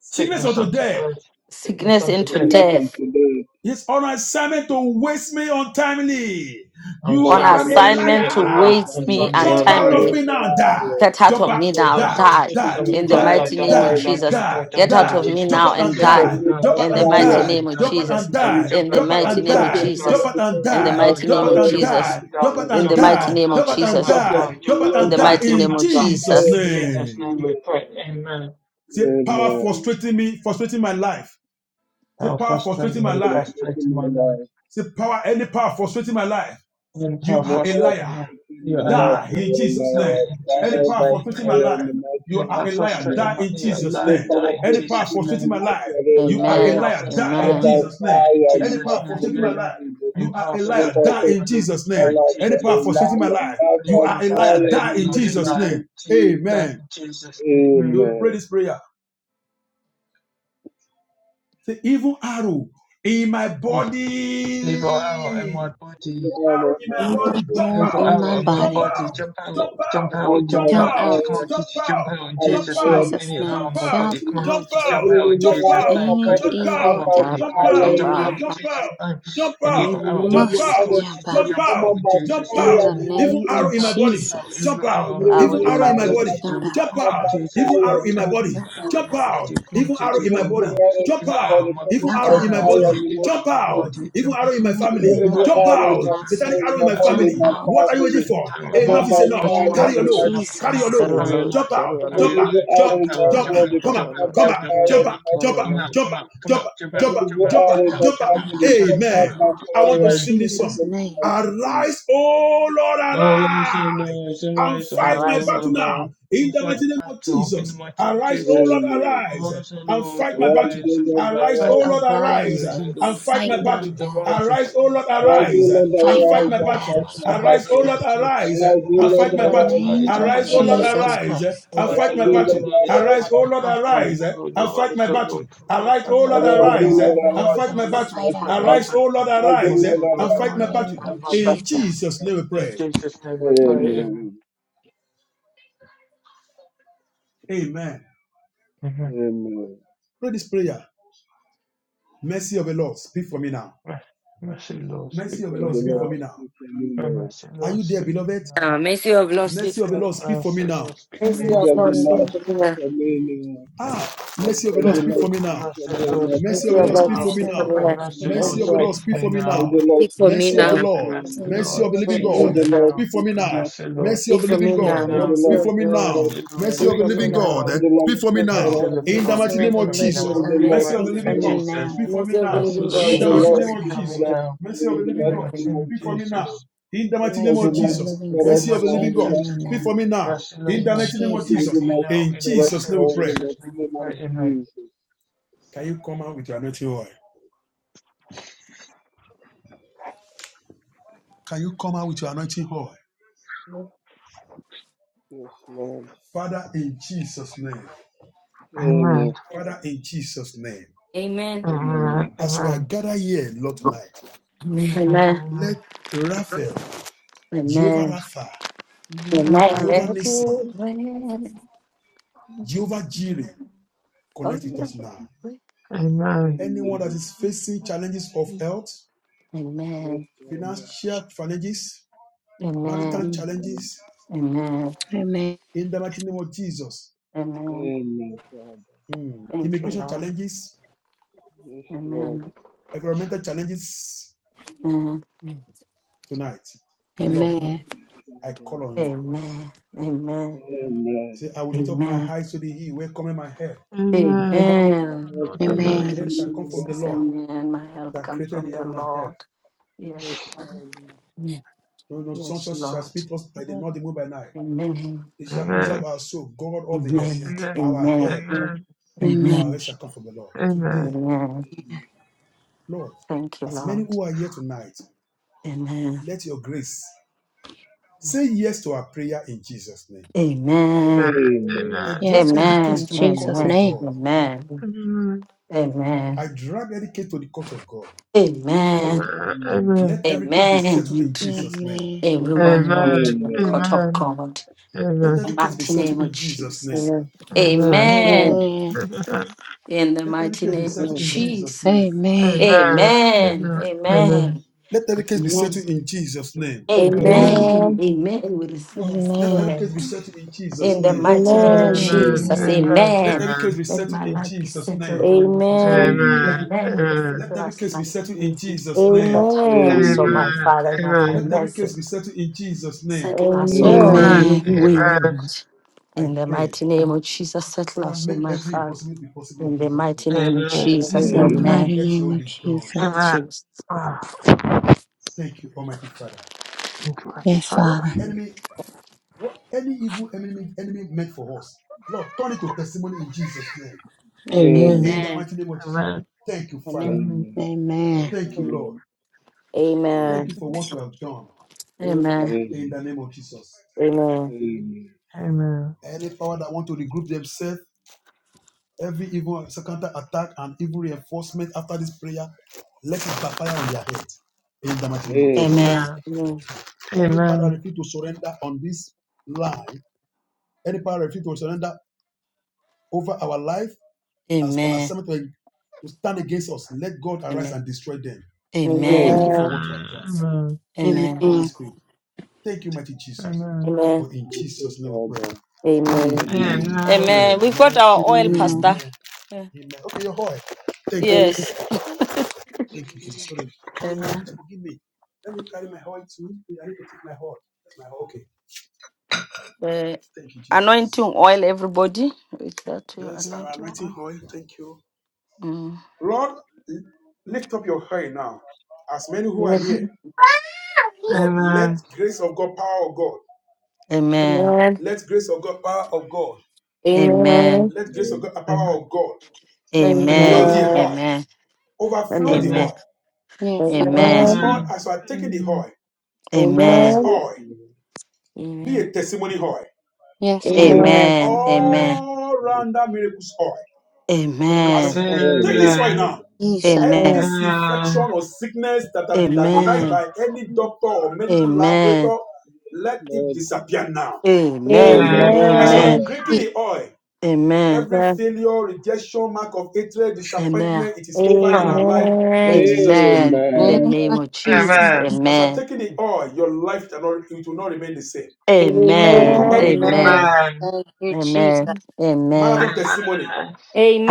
Sickness unto death. Sickness into Checking out something death. today. He's on assignment to waste me untimely. On You my On are a summit to assignment to Michigan liar. and waste me Sunday. Jump Yeah, out of untimely that's me now, die. right. Get out Jump of out, me now, die, Look die at this die, new in the now die, mighty and name of die, dying in my Jesus. die, Get out die. of community. me Jump now out Look and and at die this die. new by Jump out in the and mighty fire die. in name my of Jump out Jesus. and die. community. In the Jump out mighty Look and name at of this die. new Jump Jesus. out and In the application die. by mighty Jump name out of fire and in my Jesus. die. Jump out In and the community. mighty die. name of Jump out and Look Jesus. at this die. Jump new out life In and the die. mighty name In application of by Jesus' fire Jesus. in my name. community. Say power Amen. frustrating me, frustrating my life. Say power frustrating Yeah, my for the life sake of my life. Say, power, any power frustrating my life, I you are lift a my up liar. and strengthen my life, Die O in Lord. Jesus' name. I Any will die power by frustrating my fire in life, the mighty you name are a of liar. Die Jesus. in I Jesus' name. lift my up and Any power strengthen my frustrating my life, life, O you are a Lord. Amen. liar. Die Die in Amen. by Jesus' name. fire in the Any power mighty frustrating name my of life, Jesus. you are a I lift liar. my Die up and in strengthen Jesus' my name. life, O Any power Lord. frustrating my life, Die you by are a liar. fire in Die the in mighty Jesus' name of name. Jesus. Amen. You will pray Amen. this prayer. Say, evil arrow in my body. Look arrow in my body, jump Hell in out, my jump body, out, jump out, Command jump by jump out, fire. out jump out, Command by jump in fire in out, the Jesus' jump name, mighty name of out, jump Jesus. jump out. out, Every evil jump out of out, my Any body, jump command evil out, by Jab- jump arrow fire out, in in the Jamba. my mighty jump body. name of out, Jesus. jump You out, Every jump evil must out out, of my jump jump body, out out, command by jump fire in out, in the the even mighty name name of arrow in my of body, Jesus. Jesus. jump out, Every even Power evil in arrow my in out my of body. my body, Jump body, Mm, out. jump command out, by even fire arrow in in the my mighty body, Jump name of out. jump Jesus. out, even arrow in Every my evil body, out of jump my out! body, Evil command Jump by arrow power in in my my- fire in body, out. the mighty jump name of out. Evil Jesus. arrow in my Any Every, family, evil every jump arrow hour in in out. my my Satanic prayer, arrow in my family, my mother, jump family. my out What are you waiting family, for? come on in Enough is the by enough. name fire Carry of in your the load. mighty name Carry of Jesus. your Carry load. your Jesus. load. Jump out. Carry your Every, Jump load. out. every Jump. hour in Carry my your Jump Jump. load. out. body, Come Carry out. come your on load. Come by out. Carry your fire Jump in out. load. the Carry mighty Jump your out. name of load. Jump out. Jesus. Jump out. Every, Jump out. every Jump out. hour Jump in my Jump out. family, out. come out Jump Amen. by out I want in fire to in sing this song. Jesus' Jesus' name. mighty name. Arise, oh Lord, arise and fight my Arise, O battle now. Lord. In the mighty name of Jesus, arise, O Lord, Amen. arise and fight my Arise, battle. children, Arise, Lord, O arise, Lord, and cast my arise arise and and fight fight my back my battle. battles. Arise, O Lord, As you arise know the and way Fight I fight our is my just battle. like battles my for Arise, us, O body. God. Lord, And arise as you and know fight the In my the way I battle. is name just of like Arise, my O Lord, body. Jesus arise Christ. and And fight as my you know battle. the way I is Arise, O just Lord, like my arise body. and fight my battle. Arise, O And Lord, Arise, as you arise Lord, know the way and I arise is fight and my just battle. fight like our my battles. Arise, body. O Lord, And as you arise know the way I and In is the fight my name battle. of just like my In body. Jesus. Jesus' name we pray. Amen. Amen. Amen. Amen. Pray this prayer. Mercy of the Lord, speak for me now. Mercy of Blessed the of Lord, the speak for Lord me now. speak for me now. Are you there, beloved? Uh, mercy of Lord, speak Mercy of the for me. Lord, speak for me now. Mercy Blessed of of Mercy of the Lord, the Lord speak Lord. for me speak now. for me now. Ah, Bless mercy of the your Lord, speak for delight, me speak now. for me and Mercy Mercy of the of Lord, family the speak Lord, for me Mercy speak of mighty for now. the me name of now. Lord, speak Mercy for of Mercy Jesus. of me the Lord, Lord, now. speak for Bless me your now. delight, Speak for me Mercy of for the us, now. Lord, Lord. In the mercy of name the of Bless living your God, Jesus. speak for me for now. us, Lord. Mercy Speak of the for me living Bless now. God, your Mercy speak of for me for Lord. now. us, Lord. Mercy Speak of the for me living Bless now. God, your speak Mercy for me of for Lord, now. us, God, In the Lord. mercy. Mercy mighty of name the of Bless living your Jesus, God, mercy of Amen. the speak for for living me God, us, now. speak Lord. for me Mercy of the now. In living Bless your In God, the speak mighty for me name Jesus' of now. name. for Jesus, us, mercy Lord, of in the In the living Jesus' mighty God, name. name of speak for me now. Jesus. In the Bless mighty name your of Mercy of delight, the Jesus, living for Yes. us, mercy God, of the speak living Lord, in the for God, mighty me speak now. for name of Jesus. me now. In In the mighty name Bless of your Jesus' Jesus, name. delight, in for us, Jesus' name we Lord, pray. in the mighty name of Jesus. Can you come out with your anointing oil? Can you come out with your anointing oil? Yes, Lord. Father, in Jesus' name. Amen. Father, Amen. in Jesus' name. Amen. Amen. As we are gathered here, Lord, tonight, Amen. let Raphael, Jehovah Amen. Rapha, Amen. Amen. Jehovah Amen. Nissi, Jehovah Jireh connect with Yes, us now. Anyone that amen. is facing challenges of health, Yes, Amen. Father. financial challenges, Yes, marital Amen. Amen. Lord. challenges, Amen. Amen. in the mighty name of Jesus, Amen. Amen, Father. mm, Thank you, immigration Lord. challenges, Yes, Lord. Amen. environmental challenges, Amen. tonight, Lord, Amen. Amen. Yes, Father, I call on Lord. you Amen. Amen. Amen. He Amen. said, I will lift up my eyes to the hill, where cometh my help. I Amen. have faith My Thank you, from Amen. help shall you, come from Lord. the Jesus. Lord Amen. My help that comes Yes, created from the the heaven Father. and Lord. earth. Yes, Yes, Lord. Father. Amen. No, no, Yes, sunshine shall Lord. speak us by the not the moon by night. Amen. It shall preserve our soul, God of the earth. Amen. Our Amen. help, Amen. our Amen. help shall come from the Lord. Today, Amen. Lord, Thank you, as many Lord. who are here tonight, Amen. let your grace say yes to our prayer in Jesus' name. Amen. I Amen. drag Yes, every God. Amen. case In to the court Jesus' Amen. of name. God. Amen. Amen. Amen. I drag every case to the court of God. Amen. Amen. Let every case be settled Amen. in Jesus' name. Amen. Everyone, Lord, to the Amen. court of God Let in the every case be mighty settled name of in Jesus' name. Jesus. Amen. Amen. Amen. Amen. In the Let every mighty case be name of settled Amen. in Jesus' Jesus. name. Amen. Amen. Amen. Amen. Let every case be Amen. settled in Jesus' name. Amen. Amen. Amen. We receive a Let every Amen. case be settlement. settled in Jesus' In the name. mighty name of Amen. Jesus, Amen. Amen. Let amen. every case be Let settled my in life be Jesus' name. settled, O Lord. Amen. Amen. Amen. Let's Let settle every us, case my be settled in Lord. Amen. Jesus' name. Settle Amen. us, Amen. O my Father, in our Let every case finances. be settled in Jesus' name. Settle us, O God, Amen. in Amen. every Amen. way, Lord. I In the pray. mighty name of Jesus, settle Father, us, O make my every Father. impossibility possible in In the Jesus' mighty name. name of In Jesus, the Amen. amen. mighty Amen. Let your name will of be done. Jesus. Jesus. Thank you, Almighty Father. Yes, What Father. enemy, what any evil enemy, enemy meant for us, Lord, turn it to testimony in Jesus' name. In Amen. Amen. the Amen. mighty name of Jesus. Thank you, Amen. Father. Amen. Amen. Thank Thank you, you, Lord. Lord. Amen. Amen. Thank Thank you, Amen. you for Lord. what you have done Amen. in Amen. the name of Jesus. Amen. Amen. Amen. Amen. Amen. Amen. Amen. Amen. Any power that want to regroup themselves, every evil second attack and evil reinforcement after this prayer, let it backfire on their head in the mighty name of Jesus. Amen. Amen. Any power that refuse to surrender on this line, any power that refuse to surrender over our life as on a Amen. cemetery to stand against us, let God arise Amen. and destroy them. Amen. Thank you Amen. for what you have done. Thank you, Amen. Holy Amen. Spirit. Thank you, mighty Jesus. Amen. For in Thank you, Jesus' name we pray. Father. Amen. Amen. We've got Amen. our oil, Pastor. Amen. Amen. Yeah. Amen. Okay, your oil. Thank you. Yes. Thank you, Jesus. Sorry. Sorry, man. Amen. Please forgive me. Let me carry my oil too. I need to take my oil. That's my oil. Okay. Uh, Thank you, anointing Jesus. oil, everybody. With that, your Yes, our anointing anointing oil. oil. Thank you. Mm. Lord, lift up your oil now. As many who are here, God, let grace of God, power of God, Amen. let grace of God, power of God, Amen. let grace of God, power of God Mm. fill Amen. Amen. the oil Amen. Overflow the Amen. Amen. oil. Yes, Father. Amen. This oil, as you are taking the oil, let this Amen. Yes, oil Lord. be a testimony oil. Yes, God. Be Amen. Amen. Amen. Amen. all rounder miracles oil. As Amen. you will take Amen, this oil now, Father. Jesus. Amen. any Amen. Amen. infection or sickness that Amen. have been diagnosed Amen. by any doctor or medical Amen. laboratory, let it Lord. disappear now. Amen. Amen, As you are Amen. Father. drinking In the the oil, Amen. every Amen. failure, rejection, mark of hatred, disappointment, it is over in our life in Amen. Jesus' name. Amen. In the Amen. name name of of Jesus. Jesus. As I'm taking the oil, your life it will not remain the same. Amen. You will come Amen. back with Amen. Amen. Amen. Thank you, Jesus. Amen. marathon Amen. testimony.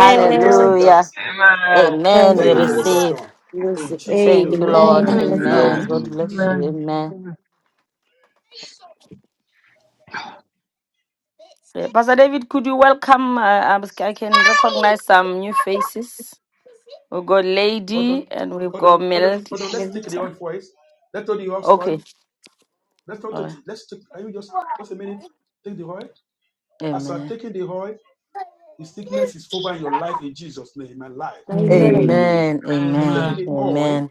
You shall rejoice and dance. Amen. Amen. We Thank you for what you Amen. have receive. done. Yes, In Jesus' name we Thank you, pray. Lord. Thank Thank you, you, Amen. Now Father. Lord Amen. begin to God Jesus. do. bless you. Amen. Yeah, Pastor David, could you welcome? Uh, I'm- I can recognize some new faces. We've got hold Lady on, and we've hold got on, hold on, Melody. hold on. Let's take the Melita. oil first. Let's take the oil first. Okay. Let's not All take right. it. Let's take can you just just a minute? Take the oil. As I'm Amen. taking the oil, the sickness is over in your life in Jesus' name, in my life. Amen. Amen. Amen. As I'm taking Amen. the oil, Amen.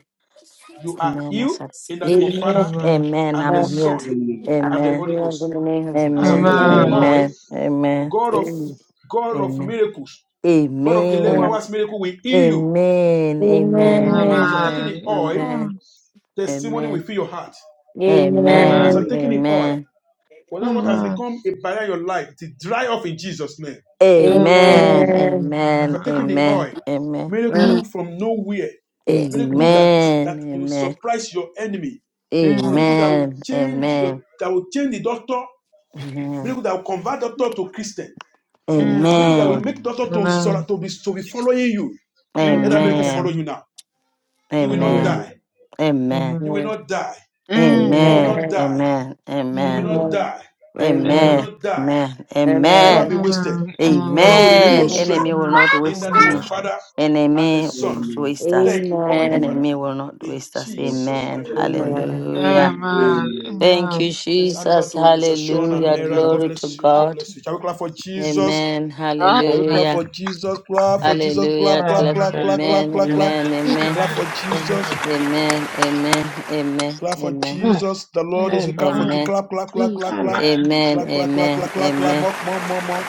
you are Amen. I healed shall in the see. name of Amen. Father Amen. and the I'm Uh, healed. Son Amen. i and the Amen. Holy in the Ghost. name of Jesus. As I'm Amen. taking the Amen. oil, Amen. Amen. God of Amen. God of Amen. miracles, God of 11 Amen. hours miracle will heal you. Amen. Amen. Amen. Amen. As you're taking Amen. the oil, Amen. testimony will Amen. fill your heart. As Amen. you're Amen. Amen. taking the oil, Amen. whatever what has become a barrier in your life, to dry off in Jesus' name. Amen. Amen. Amen. Amen. As Amen. you're taking the Amen. oil, Amen. Uh, Mm, miracle from nowhere, eh, Amen. miracle that Amen. that will Amen. surprise your enemy, mm, miracle that will Amen. change your Amen. that will change the doctor, miracle that will convert doctor to Christian, Amen. mm, Amen. miracle that will Amen. make Amen. doctor to to be to be following you. Amen. Amen. Let that miracle follow Amen. you now. Amen. You will not Amen. die. Amen. Amen. Amen. Amen. You will not die. mm, Amen. You will not Amen. die. You will not Amen. die. mm. You will not die. Amen. You will Amen. not be Amen. Amen. wasted. The Lord Amen. will renew your Amen. Amen. Amen. strength. Enemy will not In the waste name of me. Father and Amen. the Enemy will Son. not Amen. waste us. Thank you, Almighty Father. Amen. Enemy will not In waste us. Jesus' Amen. mighty name we pray. Amen. Hallelujah. Amen. Amen. Thank you, Let's hand over Jesus. to Mr. Sean and Hallelujah. Mera. Amen. God Glory to bless you. God God. bless you. Shall we clap for Jesus? Amen. Oh, Shall we thank clap for Hallelujah. Jesus? Clap for Jesus. Hallelujah. Clap, clap, Clap. clap, clap, you. clap, Amen. clap, clap. Amen. Amen. Clap for Jesus. Amen. Amen. Amen. Clap for Amen. Jesus. The Lord Mm, is who clap for Thank you. Amen. Clap, clap, clap, you. clap, clap. Amen. Clap, clap, clap, Amen. clap, clap, clap. Amen. More, more, more, more.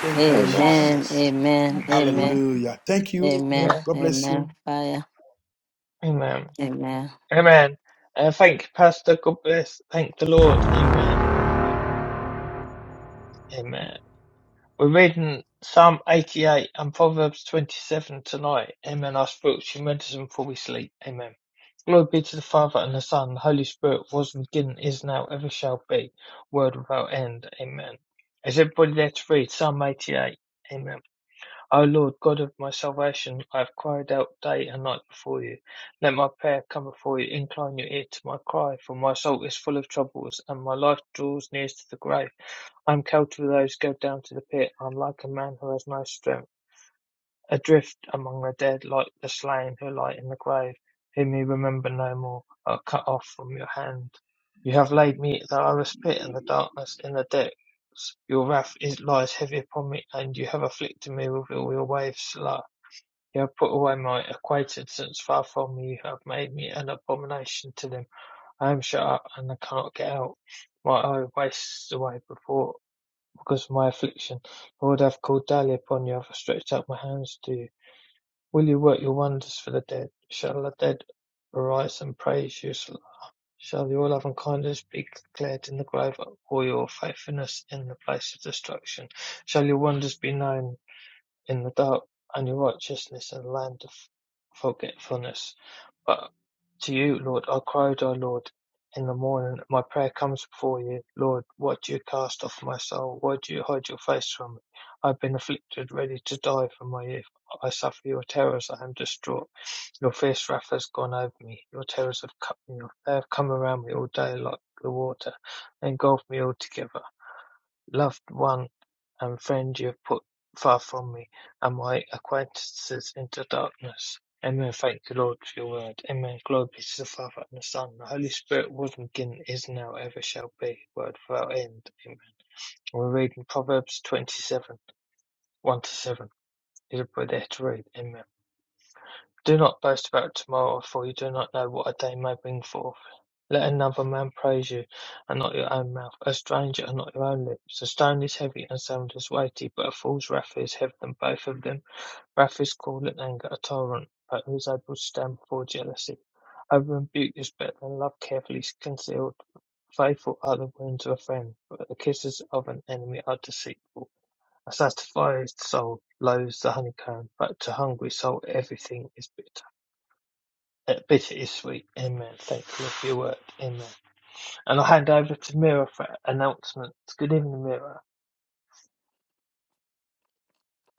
Thank you, Amen. Jesus. Amen. Amen. Amen. Hallelujah. Thank you. Amen. God bless Amen. you. Fire. Amen.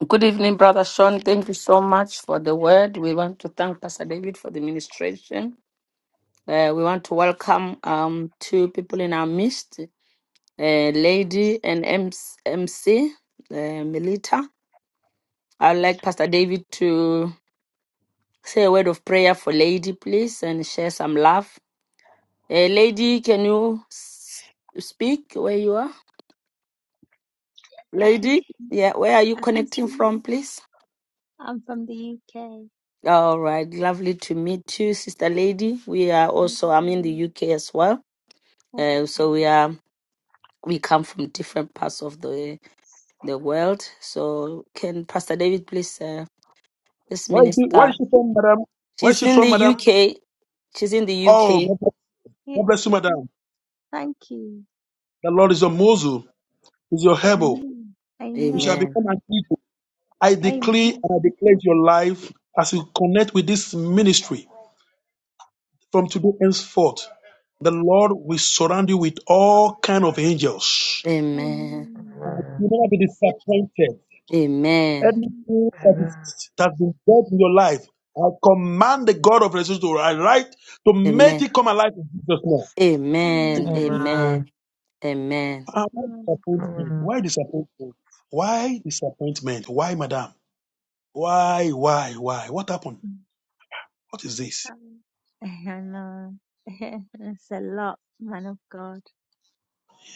Good evening, Brother Sean. Thank you so much for the word. We want to thank Pastor David for the ministration. Uh, we want to welcome um, two people in our midst, uh, Lady and MC, MC uh, Melita. I'd like Pastor David to say a word of prayer for Lady, please, and share some love. Uh, Lady, can you s- speak where you are? I can Lady, see. yeah, where are you I connecting from, please? I'm from the UK. All right, lovely to meet you, Sister Lady. We are Thank also, I'm in you. the UK as well. Uh, Okay. so we are, we come from different parts of the the world. So can Pastor David please, uh, this Where is she, where minister, is she from, madam? Where is she's she in from, the madam? UK. She's in the Oh, UK. God bless, God Yeah. bless you, madam. Thank you. The Lord is your muzzle, is your hebel. Amen. You shall Amen. Amen. become an eagle. I declare Amen. and I declare your life as you connect with this ministry from today henceforth. The Lord will surround you with all kind of angels Amen. Amen. You will not be disappointed. Amen. Everything that is that has been dead in your life, I command the God of resurrection to arise to make Amen. it come alive in Jesus' name. Amen. And, Amen. Amen. Amen. Amen. ah, Why disappointment? Why disappointment? Why disappointment? Why, madam? Why, why, why? What happened? What is this? Amen. *laughs* I know. *laughs* it's a lot, man of God.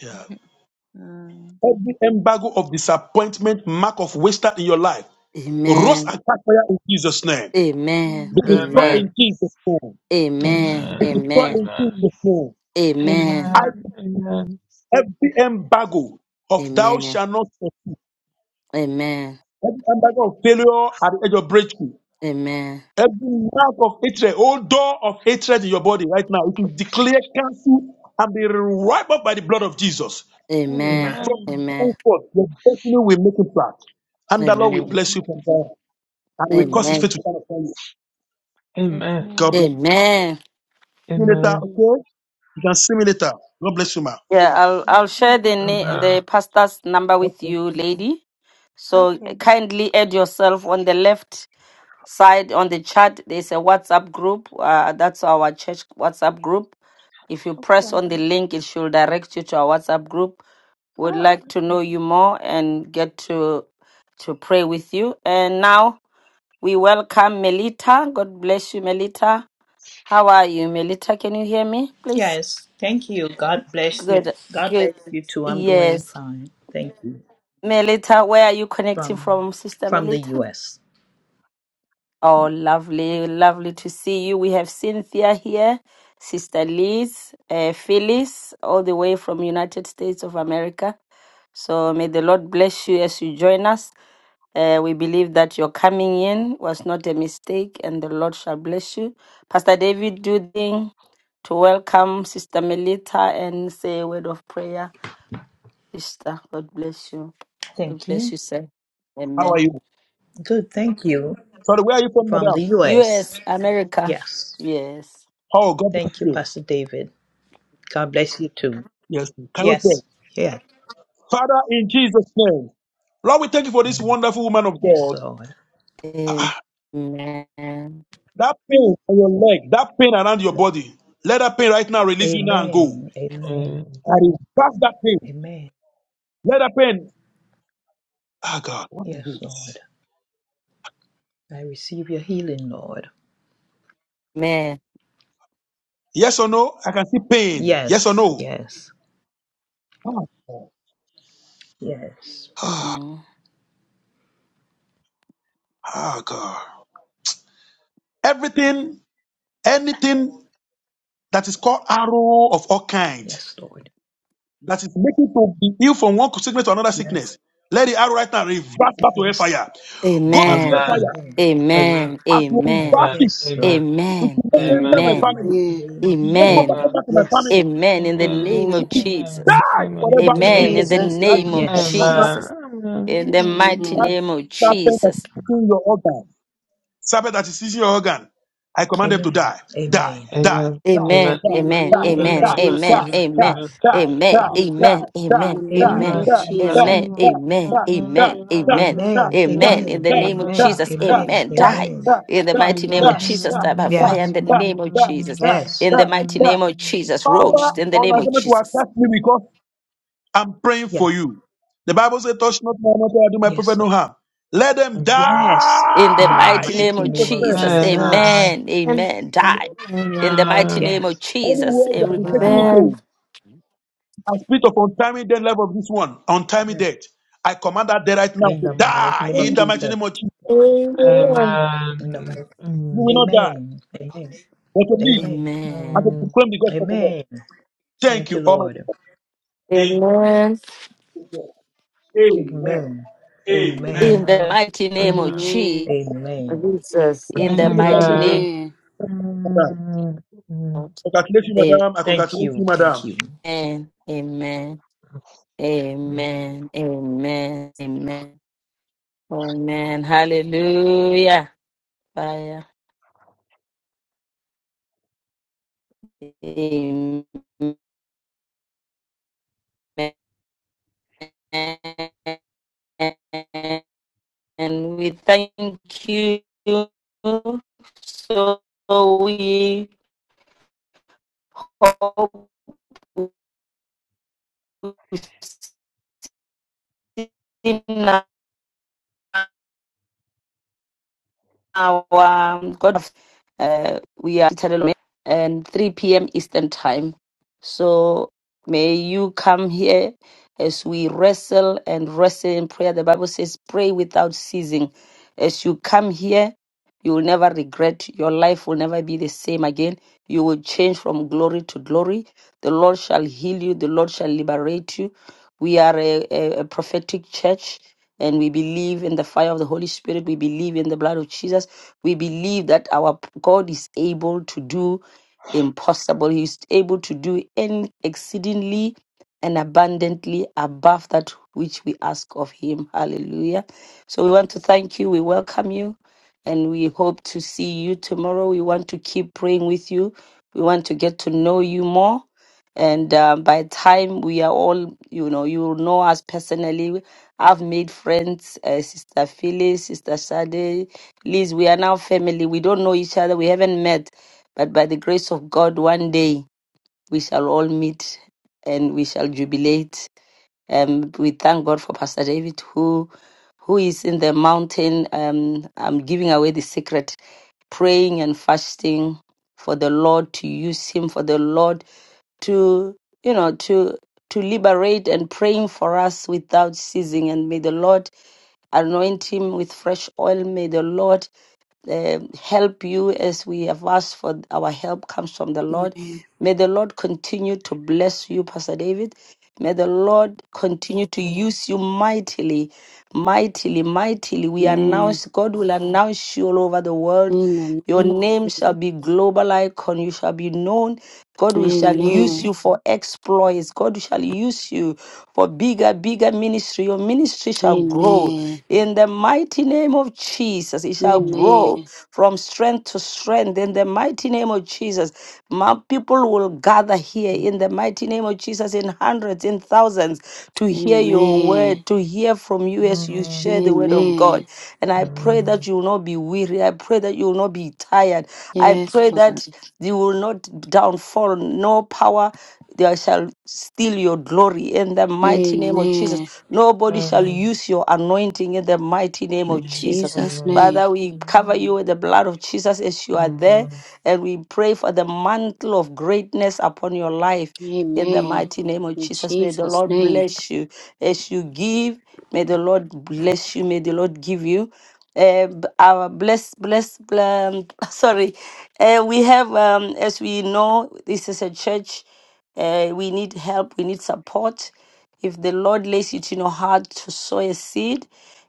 Yeah. *laughs* Mm. Every embargo of disappointment, mark of wasted in your life, rose Amen. and catch fire in Jesus' name. Amen. Be Amen. destroyed Amen. in Jesus' name. Amen. Be Amen. destroyed Amen. in Jesus' name. Amen. I. Amen. every embargo of thou Amen. shalt not succeed, Amen. every embargo of failure at the edge of breakthrough, Amen. every mark of hatred, all door of hatred in your body right now, it is declared cancelled and be wiped up by the blood of Jesus. Amen. From Amen. the Amen. point forth, your destiny will make it flat. And the Lord will Amen. bless you Amen. from there and will cause his Amen. face Amen. to shine upon you. God Amen. bless Amen. you. See you Thank later, okay? You can see me later. God bless you, ma. Yeah, I'll I'll you. share the na- the pastor's number with Okay. you, lady. So Okay. kindly add yourself on the left side on the chat. There's a WhatsApp group. Uh, that's our church WhatsApp group. If you press Okay. on the link, it should direct you to our WhatsApp group. We'd All right. like to know you more and get to to pray with you. And now We welcome Melita. God bless you, Melita. How are you, Melita? Can you hear me, please? Yes, thank you. God bless you. Good, God good. bless you too. I'm doing Yes. fine. Thank you. Melita, where are you connecting From from, Sister from the Melita? US. Oh, lovely, lovely to see you. We have Cynthia here, Sister Liz, uh, Phyllis, all the way from United States of America. So may the Lord bless you as you join us. Uh, we believe that your coming in was not a mistake and the Lord shall bless you. Pastor David, do the thing to welcome Sister Melita and say a word of prayer. Sister, God bless you. God Thank bless you. you, sir. How are Amen. you? Good, thank you. Sorry, where are you from, From the madam? US. U.S., America. Yes. Yes. Oh, God bless Thank you, you. Pastor David. God bless you too. Yes. Can we pray? Yes. Yeah. Father, in Jesus' name. Lord, we thank you for this wonderful woman of Yes, God. *sighs* Lord. Amen. Ah, Amen. That pain on your leg, that pain around your body, let that pain right now release you now and go. Amen. Amen. I reverse that pain. Amen. Let that pain. Ah, God, what is Yes, Lord. this? I receive your healing, Lord. Yes or no? I can see pain. Yes or Yes, no? yes, Ah, God. yes, *sighs* Ah, Mm. ah, God. Everything, anything that is called arrow of all kind. yes, Lord. that is making to be ill from one sickness to another Yes, sickness. Let the arrow right now reverse back to yes, hellfire. Go back to Amen. Amen. hellfire. amen. Amen. As you Amen. reverse it, Yes, Lord. it Amen. will not enter In my the family. mighty name of It will not go back, Amen. go back to my family. yes. Amen. In the name of Amen. It is Jesus. died In forever in Amen. In Jesus' Amen. the name. Jesus' That name. name of demon, Yes. that Jesus. In the mighty Amen. that name of serpent that Jesus. is eating your organ. Amen. Amen. Amen. In the Amen. name of Amen. Amen. Amen. Jesus. Amen. Amen. Thank you, Amen. Father. In Amen. the name Amen. Amen. Amen. of Jesus. Amen. Amen. Amen. Amen. Amen. In Amen. the name of Amen. Jesus. Amen. Amen. Die. Amen. In the mighty name of Yes. Jesus, die by fire. In Yes. the name of Jesus. Yes. In the mighty name of Jesus. Roast. In the name of Jesus. Yes. Yes. Lord. Yes. In In the the mighty name mighty of name of Jesus, Jesus. amen, Amen. amen. Mm. Die. In the mighty name of Yes. Jesus, Anywhere they have every been taking it power, Amen. to, and spirit of untimely death, life of this one, untimely Yes. death. I command that death right now In to the mighty die name of in the mighty Jesus. name of Jesus. Amen. In the mighty You will not die, Amen. Amen. but to live Amen. and amen. to proclaim the gospel of the Lord. Amen. Thank Thank you, you, Almighty Lord. God. In Amen. Jesus' name. Amen. Amen. Amen. Amen. In the mighty name of Jesus, Amen. Amen. Jesus. You can in see the me the mighty child name Amen. of God. of Congratulations, amen, madam. I Thank congratulate you. you, Thank madam. you. amen, amen, amen, amen, amen. Hallelujah. Fire. Amen. and we thank you. So we hope we see now our um, God of uh, we are and 3 p.m. Eastern time. So may you come here as we wrestle and wrestle in prayer. The Bible says, pray without ceasing. As you come here, you will never regret. Your life will never be the same again. You will change from glory to glory. The Lord shall heal you. The Lord shall liberate you. We are a, a, a prophetic church and we believe in the fire of the Holy Spirit. We believe in the blood of Jesus. We believe that our God is able to do impossible. He is able to do any exceedingly and abundantly above that which we ask of him. Hallelujah. So we want to thank you. We welcome you and we hope to see you tomorrow. We want to keep praying with you. We want to get to know you more. And um, by the time we are all, you know, you will know us personally. I've made friends, uh, Sister Phyllis, Sister Sade, Please, we are now family. We don't know each other. We haven't met. But by the grace of God, one day we shall all meet and we shall jubilate. Um, we thank God for Pastor David, who who is in the mountain. Um, I'm giving away the secret, praying and fasting for the Lord to use him, for the Lord to you know to to liberate and praying for us without ceasing. And may the Lord anoint him with fresh oil. May the Lord um, help you as we have asked for our help comes from the Lord. Amen. May the Lord continue to bless you, Pastor David. May the Lord continue to use you mightily, mightily, mightily. We Amen. announce, God will announce you all over the In world. the name Your of name Jesus. shall be global icon. You shall be known. God will shall Yeah. use Amen. you for exploits. God shall use you for bigger, bigger ministry. Your ministry shall grow Amen. in the mighty name of Jesus. It shall Amen. grow from strength to strength in the mighty name of Jesus. My people will gather here in the mighty name of Jesus in hundreds, in thousands to hear your Amen. word, to hear from you as you share the word of Amen. God. And I pray that you will not be weary. I pray that you will not be tired. I Yes, pray Lord. that you will not downfall. No power they shall steal your glory in the mighty name of Jesus. Amen. Nobody shall use your anointing in the mighty name In of Jesus. Jesus' name. Father, we cover you with the blood of Jesus as you are there, and we pray for the mantle of greatness upon your life. In the Amen. mighty name of In Jesus, may the Jesus' Lord name. bless you as you give. May the Lord bless you. May the Lord give you. Uh, b- our bless, bless, um, *laughs* sorry. Uh, we have, um, as we know, this is a church. Uh, we need help. We need support. If the Lord lays it in your heart to sow a seed,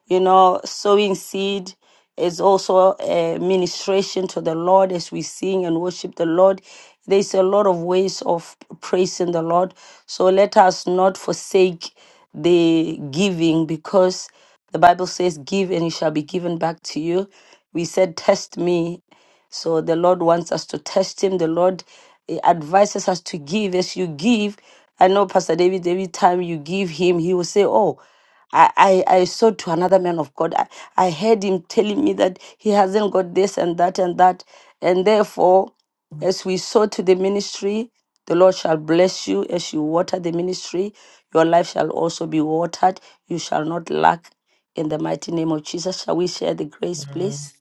you know, sowing seed is also a ministration to the Lord as we sing and worship the Lord. There's a lot of ways of praising the Lord. So let us not forsake the giving because the Bible says, Give and it shall be given back to you. We said, Test me so the Lord wants us to test Him. The Lord eh, advises us to give. As you give, I know Pastor David, every time you give Him, He will say, Oh, I, I, I saw to another man of God. I, I heard him telling me that he hasn't got this and that and that. And therefore, as we sow to the ministry, the Lord shall bless you. As you water the ministry, your life shall also be watered. You shall not lack in the mighty name of Jesus. Shall we share the grace, please?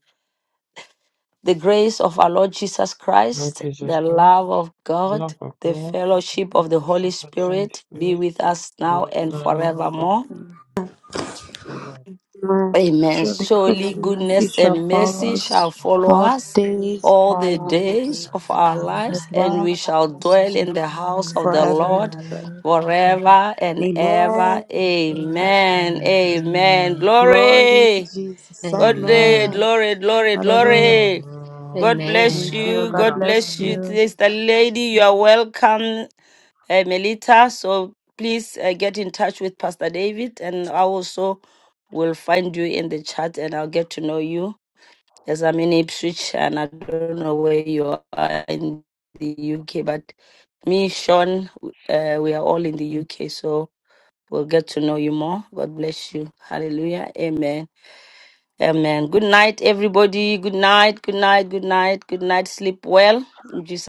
the grace of our Lord Jesus Christ, the love of God, the fellowship of the Holy Spirit be with us now and forevermore. All Amen. Amen. Surely goodness Surely and mercy goodness shall and follow mercy shall us follow all the us days of all our the the lives. days days of of our our and We shall lives, lives. and dwell we in the shall house and of dwell the shall in the dwell Lord in house the of the house forever of and the Lord ever. Lord forever. forever and ever. Amen. In Jesus' Amen. name. Amen. Amen. Glory be to Glory. Jesus. God day, Amen. Amen. glory, glory, Hallelujah. glory. God Amen. bless Thank you. you. God God bless bless you. you. Today's the lady. You are welcome, uh, Melita. So please uh, get in touch with Pastor David, and I also will find you in the chat, and I'll get to know you. As I'm in Ipswich, and I don't know where you are in the UK, but me, Sean, uh, we are all in the UK, so we'll get to know you more. God bless you. Hallelujah. Amen. Amen. Good night, everybody. Good night. Good night. Good night. Good night. Sleep well. In Jesus'